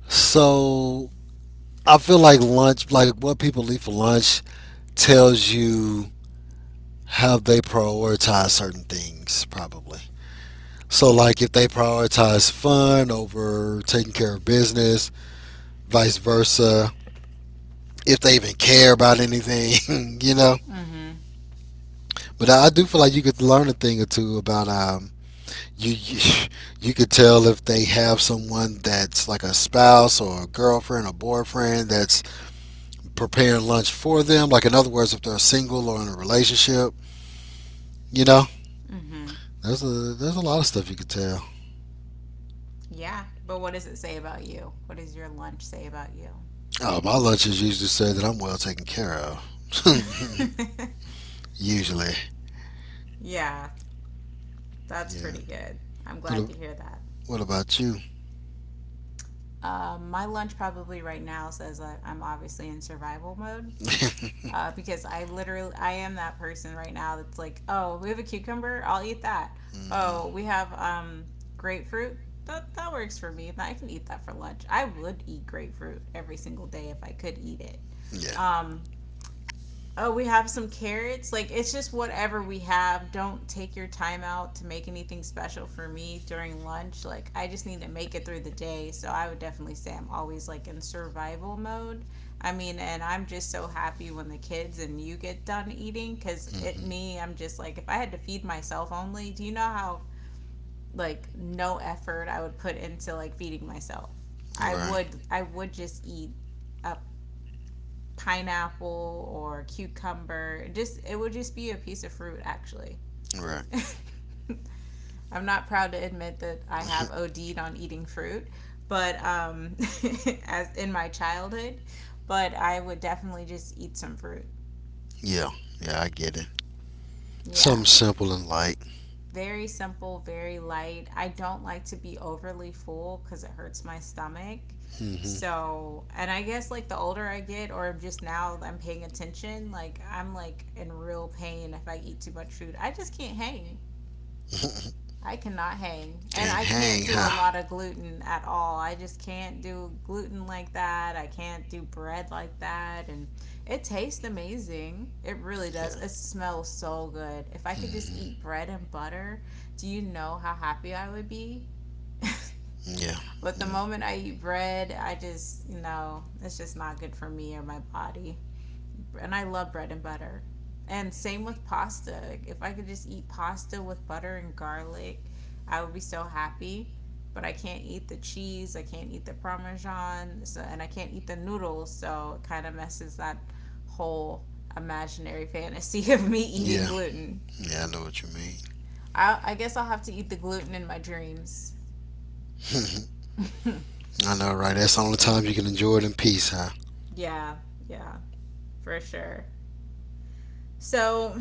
[SPEAKER 2] so I feel like lunch, like what people eat for lunch, tells you how they prioritize certain things, probably. So like if they prioritize fun over taking care of business, vice versa. If they even care about anything, you know.
[SPEAKER 1] Mm-hmm.
[SPEAKER 2] But I do feel like you could learn a thing or two about you you- you could tell if they have someone that's like a spouse or a girlfriend or boyfriend that's preparing lunch for them. Like in other words, if they're single or in a relationship, you know,
[SPEAKER 1] Mm-hmm.
[SPEAKER 2] there's a there's a lot of stuff you could tell.
[SPEAKER 1] Yeah, but what does it say about you? What does your lunch say about you?
[SPEAKER 2] Oh, my lunches usually say that I'm well taken care of. Usually,
[SPEAKER 1] Yeah, that's
[SPEAKER 2] yeah.
[SPEAKER 1] pretty good. I'm glad
[SPEAKER 2] What
[SPEAKER 1] to hear that.
[SPEAKER 2] what about you?
[SPEAKER 1] My lunch probably right now says I'm obviously in survival mode because I literally I am that person right now that's like, oh, we have a cucumber, I'll eat that.
[SPEAKER 2] hmm
[SPEAKER 1] Oh, we have grapefruit. That works for me. I can eat that for lunch. I would eat grapefruit every single day if I could eat it.
[SPEAKER 2] Yeah.
[SPEAKER 1] Um, oh, we have some carrots. Like, it's just whatever we have. Don't take your time out to make anything special for me during lunch. Like, I just need to make it through the day. So, I would definitely say I'm always like in survival mode. I mean, and I'm just so happy when the kids and you get done eating because it,
[SPEAKER 2] hmm
[SPEAKER 1] me, I'm just like, if I had to feed myself only, do you know how like no effort I would put into like feeding myself?
[SPEAKER 2] Right.
[SPEAKER 1] I would just eat up pineapple or cucumber. Just it would just be a piece of fruit actually.
[SPEAKER 2] Right.
[SPEAKER 1] I'm not proud to admit that I have OD'd on eating fruit, but as in my childhood, but I would definitely just eat some fruit.
[SPEAKER 2] Yeah. Yeah. I get it.
[SPEAKER 1] Yeah.
[SPEAKER 2] Something simple and light.
[SPEAKER 1] Very simple, very light. I don't like to be overly full because it hurts my stomach.
[SPEAKER 2] Mm
[SPEAKER 1] So, and I guess like the older I get, or just now I'm paying attention, like I'm like in real pain if I eat too much food. I just can't hang.
[SPEAKER 2] hmm
[SPEAKER 1] I cannot hang. And
[SPEAKER 2] Can't
[SPEAKER 1] I can't
[SPEAKER 2] hang,
[SPEAKER 1] do a
[SPEAKER 2] huh?
[SPEAKER 1] lot of gluten at all. I just can't do gluten like that. I can't do bread like that. And it tastes amazing. It really
[SPEAKER 2] Yeah.
[SPEAKER 1] does. It smells so good. If I could just
[SPEAKER 2] hmm
[SPEAKER 1] eat bread and butter, do you know how happy I would be?
[SPEAKER 2] Yeah.
[SPEAKER 1] But the
[SPEAKER 2] Mm.
[SPEAKER 1] moment I eat bread, I it's just not good for me or my body and I love bread and butter. And same with pasta. If I could just eat pasta with butter and garlic, I would be so happy. But I can't eat the cheese, I can't eat the parmesan, so, and I can't eat the noodles, so it kind of messes that whole imaginary fantasy of me eating
[SPEAKER 2] Yeah.
[SPEAKER 1] gluten.
[SPEAKER 2] Yeah, I know what you
[SPEAKER 1] I guess I'll have to eat the gluten in my dreams.
[SPEAKER 2] mean. I know, right? That's the only time you can enjoy it in peace, huh?
[SPEAKER 1] Yeah, yeah, for sure. So,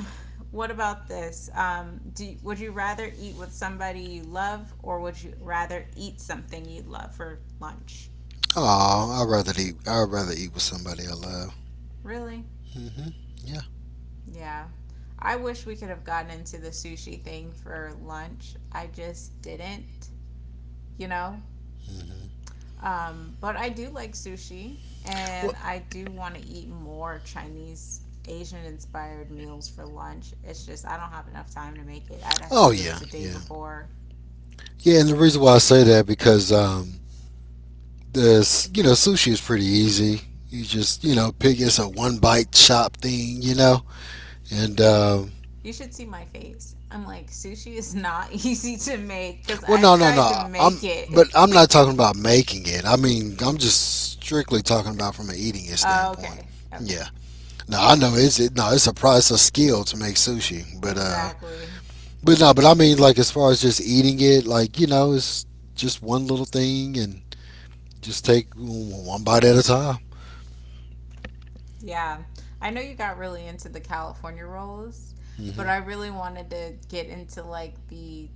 [SPEAKER 1] what about this? Do would you rather eat with somebody you love, or would you rather eat something you love for lunch?
[SPEAKER 2] Oh, I'd rather eat. I'd rather eat with somebody I love.
[SPEAKER 1] Really?
[SPEAKER 2] Hmm Yeah.
[SPEAKER 1] Yeah. I wish we could have gotten into the sushi thing for lunch. I just didn't, you know.
[SPEAKER 2] hmm
[SPEAKER 1] But I do like sushi,
[SPEAKER 2] Well,
[SPEAKER 1] and I do want to eat more Chinese. Asian inspired meals for lunch. It's just I don't have enough time to make it. I'd have to
[SPEAKER 2] oh
[SPEAKER 1] do it
[SPEAKER 2] yeah,
[SPEAKER 1] the day
[SPEAKER 2] yeah,
[SPEAKER 1] before.
[SPEAKER 2] yeah. And the reason why I say that because you know sushi is pretty easy. You just pick it's a one bite chop thing, and
[SPEAKER 1] You should see my face. I'm like, sushi is not easy to make because
[SPEAKER 2] well,
[SPEAKER 1] I've
[SPEAKER 2] no, no,
[SPEAKER 1] tried to
[SPEAKER 2] no.
[SPEAKER 1] make it.
[SPEAKER 2] But I'm not talking about making it. I mean, I'm just strictly talking about from an eating it standpoint.
[SPEAKER 1] Okay.
[SPEAKER 2] Yeah.
[SPEAKER 1] Okay.
[SPEAKER 2] No, I know no, it's a skill to make sushi,
[SPEAKER 1] Exactly.
[SPEAKER 2] but no, but I mean, like as far as just eating it, like you know, it's just one little thing and just take one bite at a time.
[SPEAKER 1] Yeah. I know you got really into the California rolls, but
[SPEAKER 2] Hmm
[SPEAKER 1] I really wanted to get into like the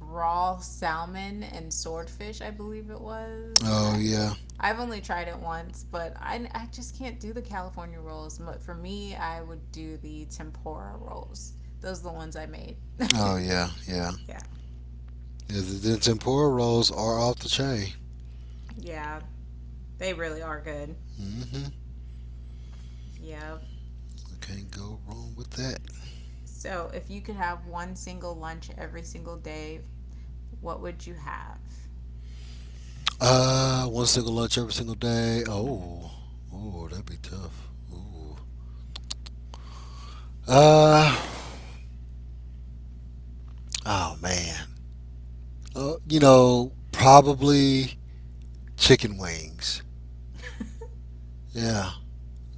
[SPEAKER 1] raw salmon and swordfish, I believe it was.
[SPEAKER 2] Oh
[SPEAKER 1] I.
[SPEAKER 2] yeah.
[SPEAKER 1] I've only tried it once, but I just can't do the California rolls. But for me, I would do the tempura rolls. Those are the ones I made.
[SPEAKER 2] Oh yeah. Yeah.
[SPEAKER 1] Yeah.
[SPEAKER 2] The tempura rolls are off the chain.
[SPEAKER 1] Yeah, they really are good.
[SPEAKER 2] Hmm
[SPEAKER 1] Yep.
[SPEAKER 2] Can't go wrong with that.
[SPEAKER 1] So, if you could have one single lunch every single day, what would you have?
[SPEAKER 2] One single lunch every single day.
[SPEAKER 1] Hmm.
[SPEAKER 2] Oh, oh, that'd be tough. Ooh. Uh, oh man. You know, probably chicken wings. Yeah,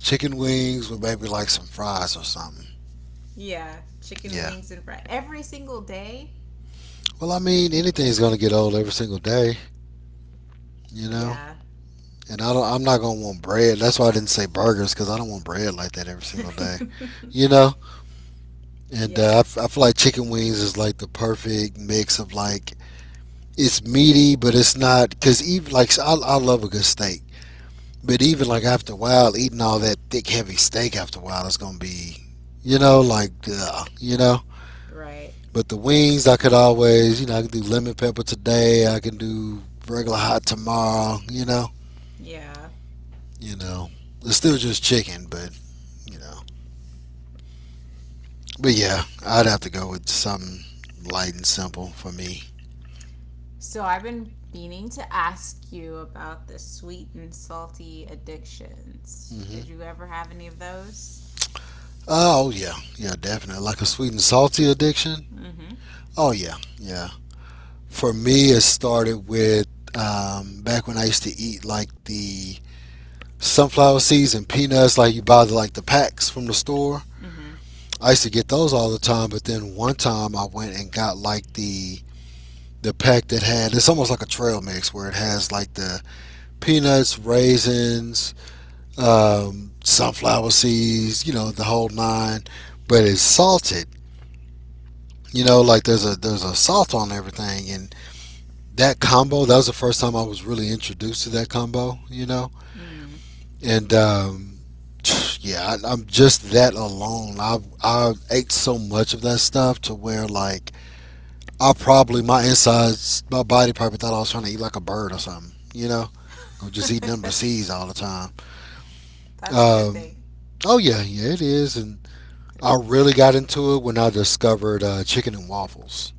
[SPEAKER 2] chicken wings with maybe like some fries or something.
[SPEAKER 1] Yeah, chicken
[SPEAKER 2] Yeah.
[SPEAKER 1] wings and fries every single day.
[SPEAKER 2] Well, I mean, anything's gonna get old every single day. You know.
[SPEAKER 1] Yeah.
[SPEAKER 2] And I don't, I'm not gonna want bread. That's why I didn't say burgers because I don't want bread like that every single day, you know. And
[SPEAKER 1] Yeah.
[SPEAKER 2] I feel like chicken wings is like the perfect mix of like it's meaty, but it's not because even like so I love a good steak, but even like after a while, eating all that thick, heavy steak after a while it's gonna be, you know, like ugh, you know.
[SPEAKER 1] Right.
[SPEAKER 2] But the wings, I could always, you know, I could do lemon pepper today. I can do regular hot tomorrow.
[SPEAKER 1] Yeah.
[SPEAKER 2] You know, it's still just chicken, but you know, but yeah, I'd have to go with something light and simple for me.
[SPEAKER 1] So, I've been meaning to ask you about the sweet and salty addictions. Did
[SPEAKER 2] Hmm
[SPEAKER 1] you ever have any of those?
[SPEAKER 2] Oh yeah, yeah, definitely like a sweet and salty addiction.
[SPEAKER 1] Mm
[SPEAKER 2] Oh yeah, yeah. For me, it started with back when I used to eat like the sunflower seeds and peanuts, like you buy the, like the packs from the store.
[SPEAKER 1] hmm. Mm
[SPEAKER 2] I used to get those all the time, but then one time I went and got like the pack that had it's almost like a trail mix where it has like the peanuts, raisins, sunflower seeds, you know, the whole nine, but it's salted. You know, like there's a salt on everything, and that combo, that was the first time I was really introduced to that combo, you know.
[SPEAKER 1] hmm. Mm
[SPEAKER 2] And yeah, I'm just, that alone, I ate so much of that stuff to where like I probably, my insides, my body probably thought I was trying to eat like a bird or something, you know. I'm just
[SPEAKER 1] hmm.
[SPEAKER 2] eating nothing but seeds all the time
[SPEAKER 1] That's a good
[SPEAKER 2] um,
[SPEAKER 1] thing.
[SPEAKER 2] oh yeah, yeah, it is. And I really got into it when I discovered chicken and waffles.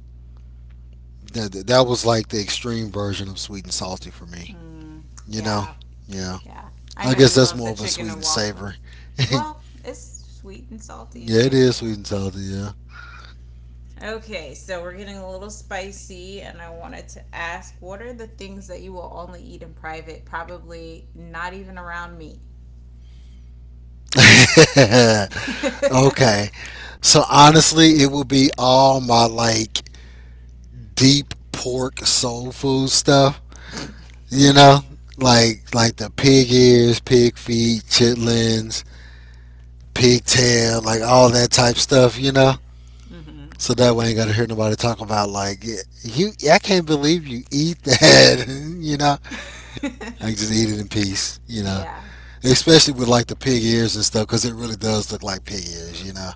[SPEAKER 2] That was like the extreme version of sweet and salty for me,
[SPEAKER 1] Mm,
[SPEAKER 2] you know.
[SPEAKER 1] yeah,
[SPEAKER 2] Yeah,
[SPEAKER 1] yeah. I
[SPEAKER 2] I
[SPEAKER 1] know
[SPEAKER 2] guess
[SPEAKER 1] you
[SPEAKER 2] that's
[SPEAKER 1] love
[SPEAKER 2] more
[SPEAKER 1] the
[SPEAKER 2] of a
[SPEAKER 1] chicken
[SPEAKER 2] sweet
[SPEAKER 1] and
[SPEAKER 2] and
[SPEAKER 1] waffle.
[SPEAKER 2] savory. Yeah,
[SPEAKER 1] Well, it's sweet and salty
[SPEAKER 2] it
[SPEAKER 1] too,
[SPEAKER 2] is
[SPEAKER 1] yeah.
[SPEAKER 2] sweet and salty.
[SPEAKER 1] Okay, so we're getting a little spicy, and I wanted to ask what are the things that you will only eat in private, probably not even around me?
[SPEAKER 2] Yeah. Okay. So honestly, it would be all my, like, deep pork soul food stuff. You know, like the pig ears, pig feet, chitlins, pig tail, like all that type stuff. You know.
[SPEAKER 1] Hmm.
[SPEAKER 2] So that way, I ain't gotta hear nobody talk about, like, "Yeah, you, I can't believe you eat that." You know, like just eat it in peace. You know,
[SPEAKER 1] Yeah,
[SPEAKER 2] especially with like the pig ears and stuff, because it really does look like pig ears, you know,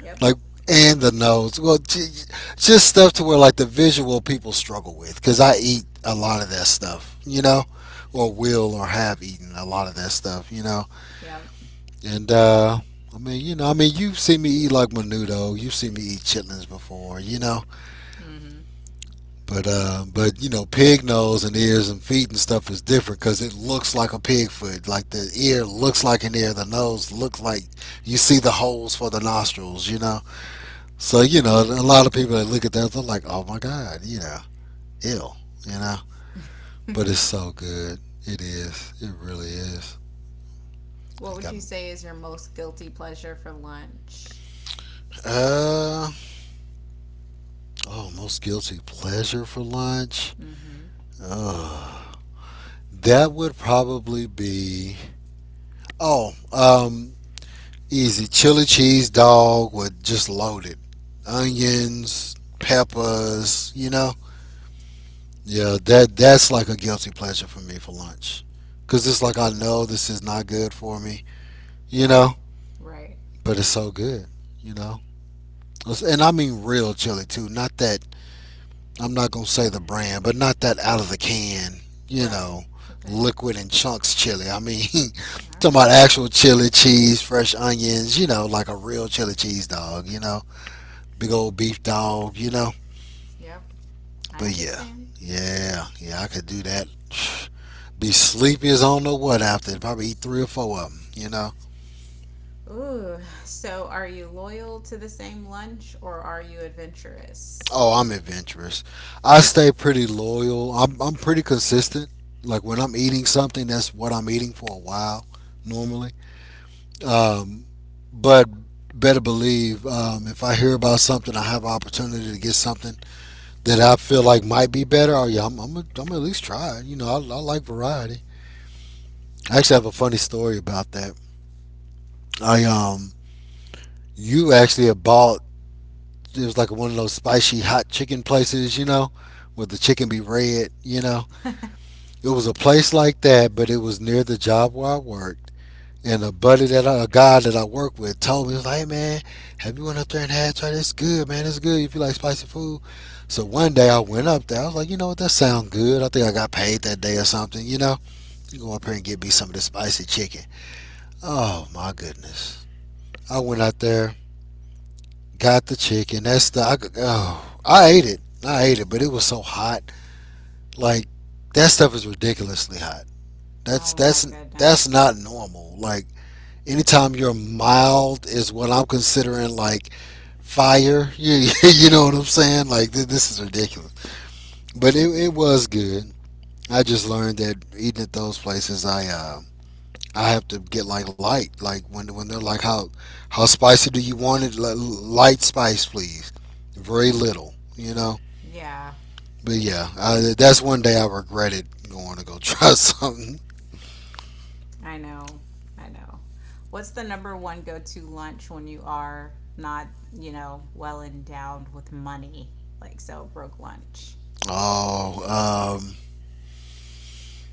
[SPEAKER 1] yep,
[SPEAKER 2] like, and the nose. Well, just stuff to where like the visual people struggle with, because I eat a lot of that stuff, you know, or will, or have eaten a lot of that stuff, you know.
[SPEAKER 1] yep.
[SPEAKER 2] And I mean, you know, I mean, you've seen me eat like menudo, you've seen me eat chitlins before, you know.
[SPEAKER 1] Hmm.
[SPEAKER 2] But you know, pig nose and ears and feet and stuff is different because it looks like a pig foot. Like the ear looks like an ear, the nose looks like, you see the holes for the nostrils. You know, so you know, a lot of people that look at that, they're like, oh my god, you know, ill, you know. But it's so good. It is. It really is.
[SPEAKER 1] What
[SPEAKER 2] It
[SPEAKER 1] would
[SPEAKER 2] got,
[SPEAKER 1] you say is your most guilty pleasure for lunch?
[SPEAKER 2] uh oh, most guilty pleasure for lunch.
[SPEAKER 1] Hmm.
[SPEAKER 2] Ugh. That would probably be, oh, easy chili cheese dog with just loaded onions, peppers, you know. Yeah, that's like a guilty pleasure for me for lunch. Cuz it's like, I know this is not good for me, you know,
[SPEAKER 1] Right.
[SPEAKER 2] but it's so good, you know. And I mean real chili too, not that, I'm not going to say the brand, but not that out of the can, you
[SPEAKER 1] Right.
[SPEAKER 2] know,
[SPEAKER 1] Okay.
[SPEAKER 2] liquid and chunks chili. I mean,
[SPEAKER 1] All
[SPEAKER 2] talking about
[SPEAKER 1] right.
[SPEAKER 2] actual chili cheese, fresh onions, you know, like a real chili cheese dog, you know. Big old beef dog, you know.
[SPEAKER 1] You know, like yep. I
[SPEAKER 2] But yeah,
[SPEAKER 1] understand.
[SPEAKER 2] yeah, yeah, I could do that. Be sleepy as I don't know what after. Probably eat three or four of them, you know.
[SPEAKER 1] Ooh. So, are you loyal to the same lunch or are you adventurous?
[SPEAKER 2] Oh, I'm adventurous. I stay pretty loyal. I'm pretty consistent. Like when I'm eating something, that's what I'm eating for a while, normally. Um, but better believe, if I hear about something, I have an opportunity to get something that I feel like might be better. Oh yeah, I'm gonna at least try it. You know, I like variety. I actually have a funny story about that. I
[SPEAKER 1] Tell us.
[SPEAKER 2] you actually had bought, it was like one of those spicy hot chicken places, you know, where the chicken be red, you know. It was a place like that, but it was near the job where I worked. And a buddy that I, a guy that I work with, told me. He was like, hey man, have you went up there and had, try it's good, man, it's good if you like spicy food. So one day I went up there. I was like, you know what, that sounds good. I think I got paid that day or something, you know. You go up here and get me some of this spicy chicken. Oh my goodness. I went out there, got the chicken. That's the, I, oh, I ate it. I ate it, but it was so hot. Like that stuff is ridiculously hot. That's
[SPEAKER 1] Oh my
[SPEAKER 2] that's not
[SPEAKER 1] goodness.
[SPEAKER 2] normal. Like anytime you're mild is what I'm considering like fire. You know what I'm saying? Like this is ridiculous. But it was good. I just learned that eating at those places, I have to get like light, like when they're like, how spicy do you want it? Light spice, please. Very little, you know.
[SPEAKER 1] Yeah.
[SPEAKER 2] But yeah, I, that's one day I regretted going to go try something.
[SPEAKER 1] I know. I know. What's the number one go to lunch when you are not, you know, well endowed with money? Like, so broke lunch.
[SPEAKER 2] Oh,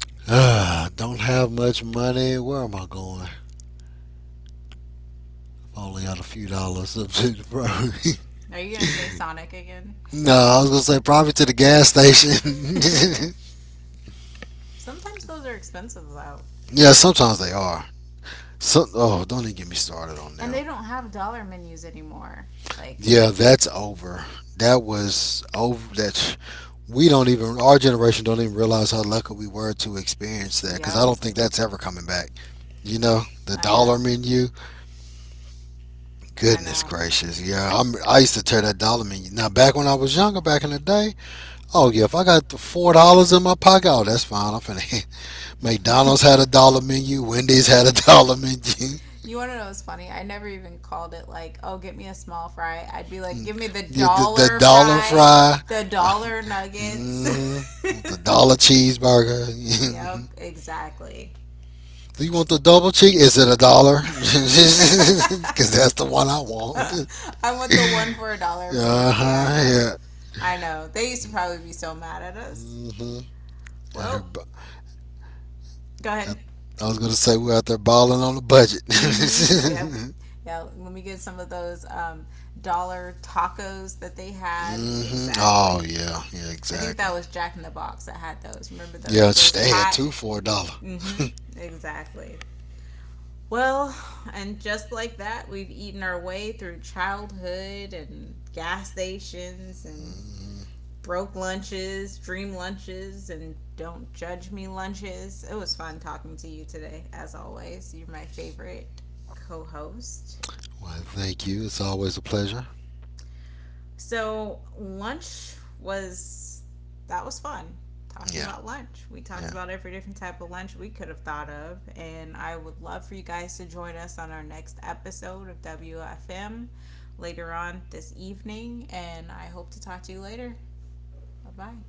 [SPEAKER 2] ah, don't have much money. Where am I going? Only got a few dollars up to the probably.
[SPEAKER 1] Are you gonna say Sonic again?
[SPEAKER 2] No, I was gonna say probably to the gas station.
[SPEAKER 1] Sometimes those are expensive though.
[SPEAKER 2] Yeah, sometimes they are. So, oh, don't even get me started on
[SPEAKER 1] And
[SPEAKER 2] them.
[SPEAKER 1] they don't have dollar menus anymore. Like,
[SPEAKER 2] Yeah, that's over. That was over. That, we don't even, our generation don't even realize how lucky we were to experience that because I
[SPEAKER 1] yep,
[SPEAKER 2] don't think that's ever coming back. You know, the
[SPEAKER 1] I
[SPEAKER 2] dollar
[SPEAKER 1] know.
[SPEAKER 2] menu.
[SPEAKER 1] I
[SPEAKER 2] Goodness
[SPEAKER 1] know.
[SPEAKER 2] gracious, yeah. I used to tear that dollar menu. Now back when I was younger, back in the day, oh yeah, if I got the $4 in my pocket, oh, that's fine. I'm finna. McDonald's had a dollar menu. Wendy's had a dollar menu.
[SPEAKER 1] You want to know what's funny? I never even called it like, oh, get me a small fry. I'd be like, give me the
[SPEAKER 2] Yeah, the, the
[SPEAKER 1] dollar
[SPEAKER 2] dollar
[SPEAKER 1] fry,
[SPEAKER 2] fry.
[SPEAKER 1] the dollar nuggets.
[SPEAKER 2] Hmm. Want the dollar cheeseburger?
[SPEAKER 1] Yep, exactly.
[SPEAKER 2] Do you want the double cheese? Is it a dollar? Because that's the one I want.
[SPEAKER 1] I want the one for a dollar,
[SPEAKER 2] Uh
[SPEAKER 1] please. Yeah, I
[SPEAKER 2] huh.
[SPEAKER 1] know.
[SPEAKER 2] Yeah.
[SPEAKER 1] I know. They used to probably be so mad at us.
[SPEAKER 2] Mm hmm. At her,
[SPEAKER 1] Well, go
[SPEAKER 2] at,
[SPEAKER 1] ahead.
[SPEAKER 2] I was gonna say we're out there balling on the budget.
[SPEAKER 1] Mm-hmm. Yeah. Yeah, let me get some of those dollar tacos that they had.
[SPEAKER 2] Mm hmm. Oh
[SPEAKER 1] Exactly.
[SPEAKER 2] yeah. Yeah.
[SPEAKER 1] I think
[SPEAKER 2] Exactly.
[SPEAKER 1] that was Jack in the Box that had those. Remember
[SPEAKER 2] Yeah.
[SPEAKER 1] those? Those
[SPEAKER 2] They had
[SPEAKER 1] hot.
[SPEAKER 2] two for a dollar.
[SPEAKER 1] Mm-hmm. Exactly. Well, and just like that, we've eaten our way through childhood and gas stations and
[SPEAKER 2] Mhm.
[SPEAKER 1] broke lunches, dream lunches, and don't judge me lunches. It was fun talking to you today, as always. You're my favorite co host.
[SPEAKER 2] Well, thank you. It's always a pleasure.
[SPEAKER 1] So, lunch was that was fun talking
[SPEAKER 2] Yeah.
[SPEAKER 1] about lunch. We talked
[SPEAKER 2] Yeah.
[SPEAKER 1] about every different type of lunch we could have thought of, and I would love for you guys to join us on our next episode of WFM later on this evening. And I hope to talk to you later. Bye bye.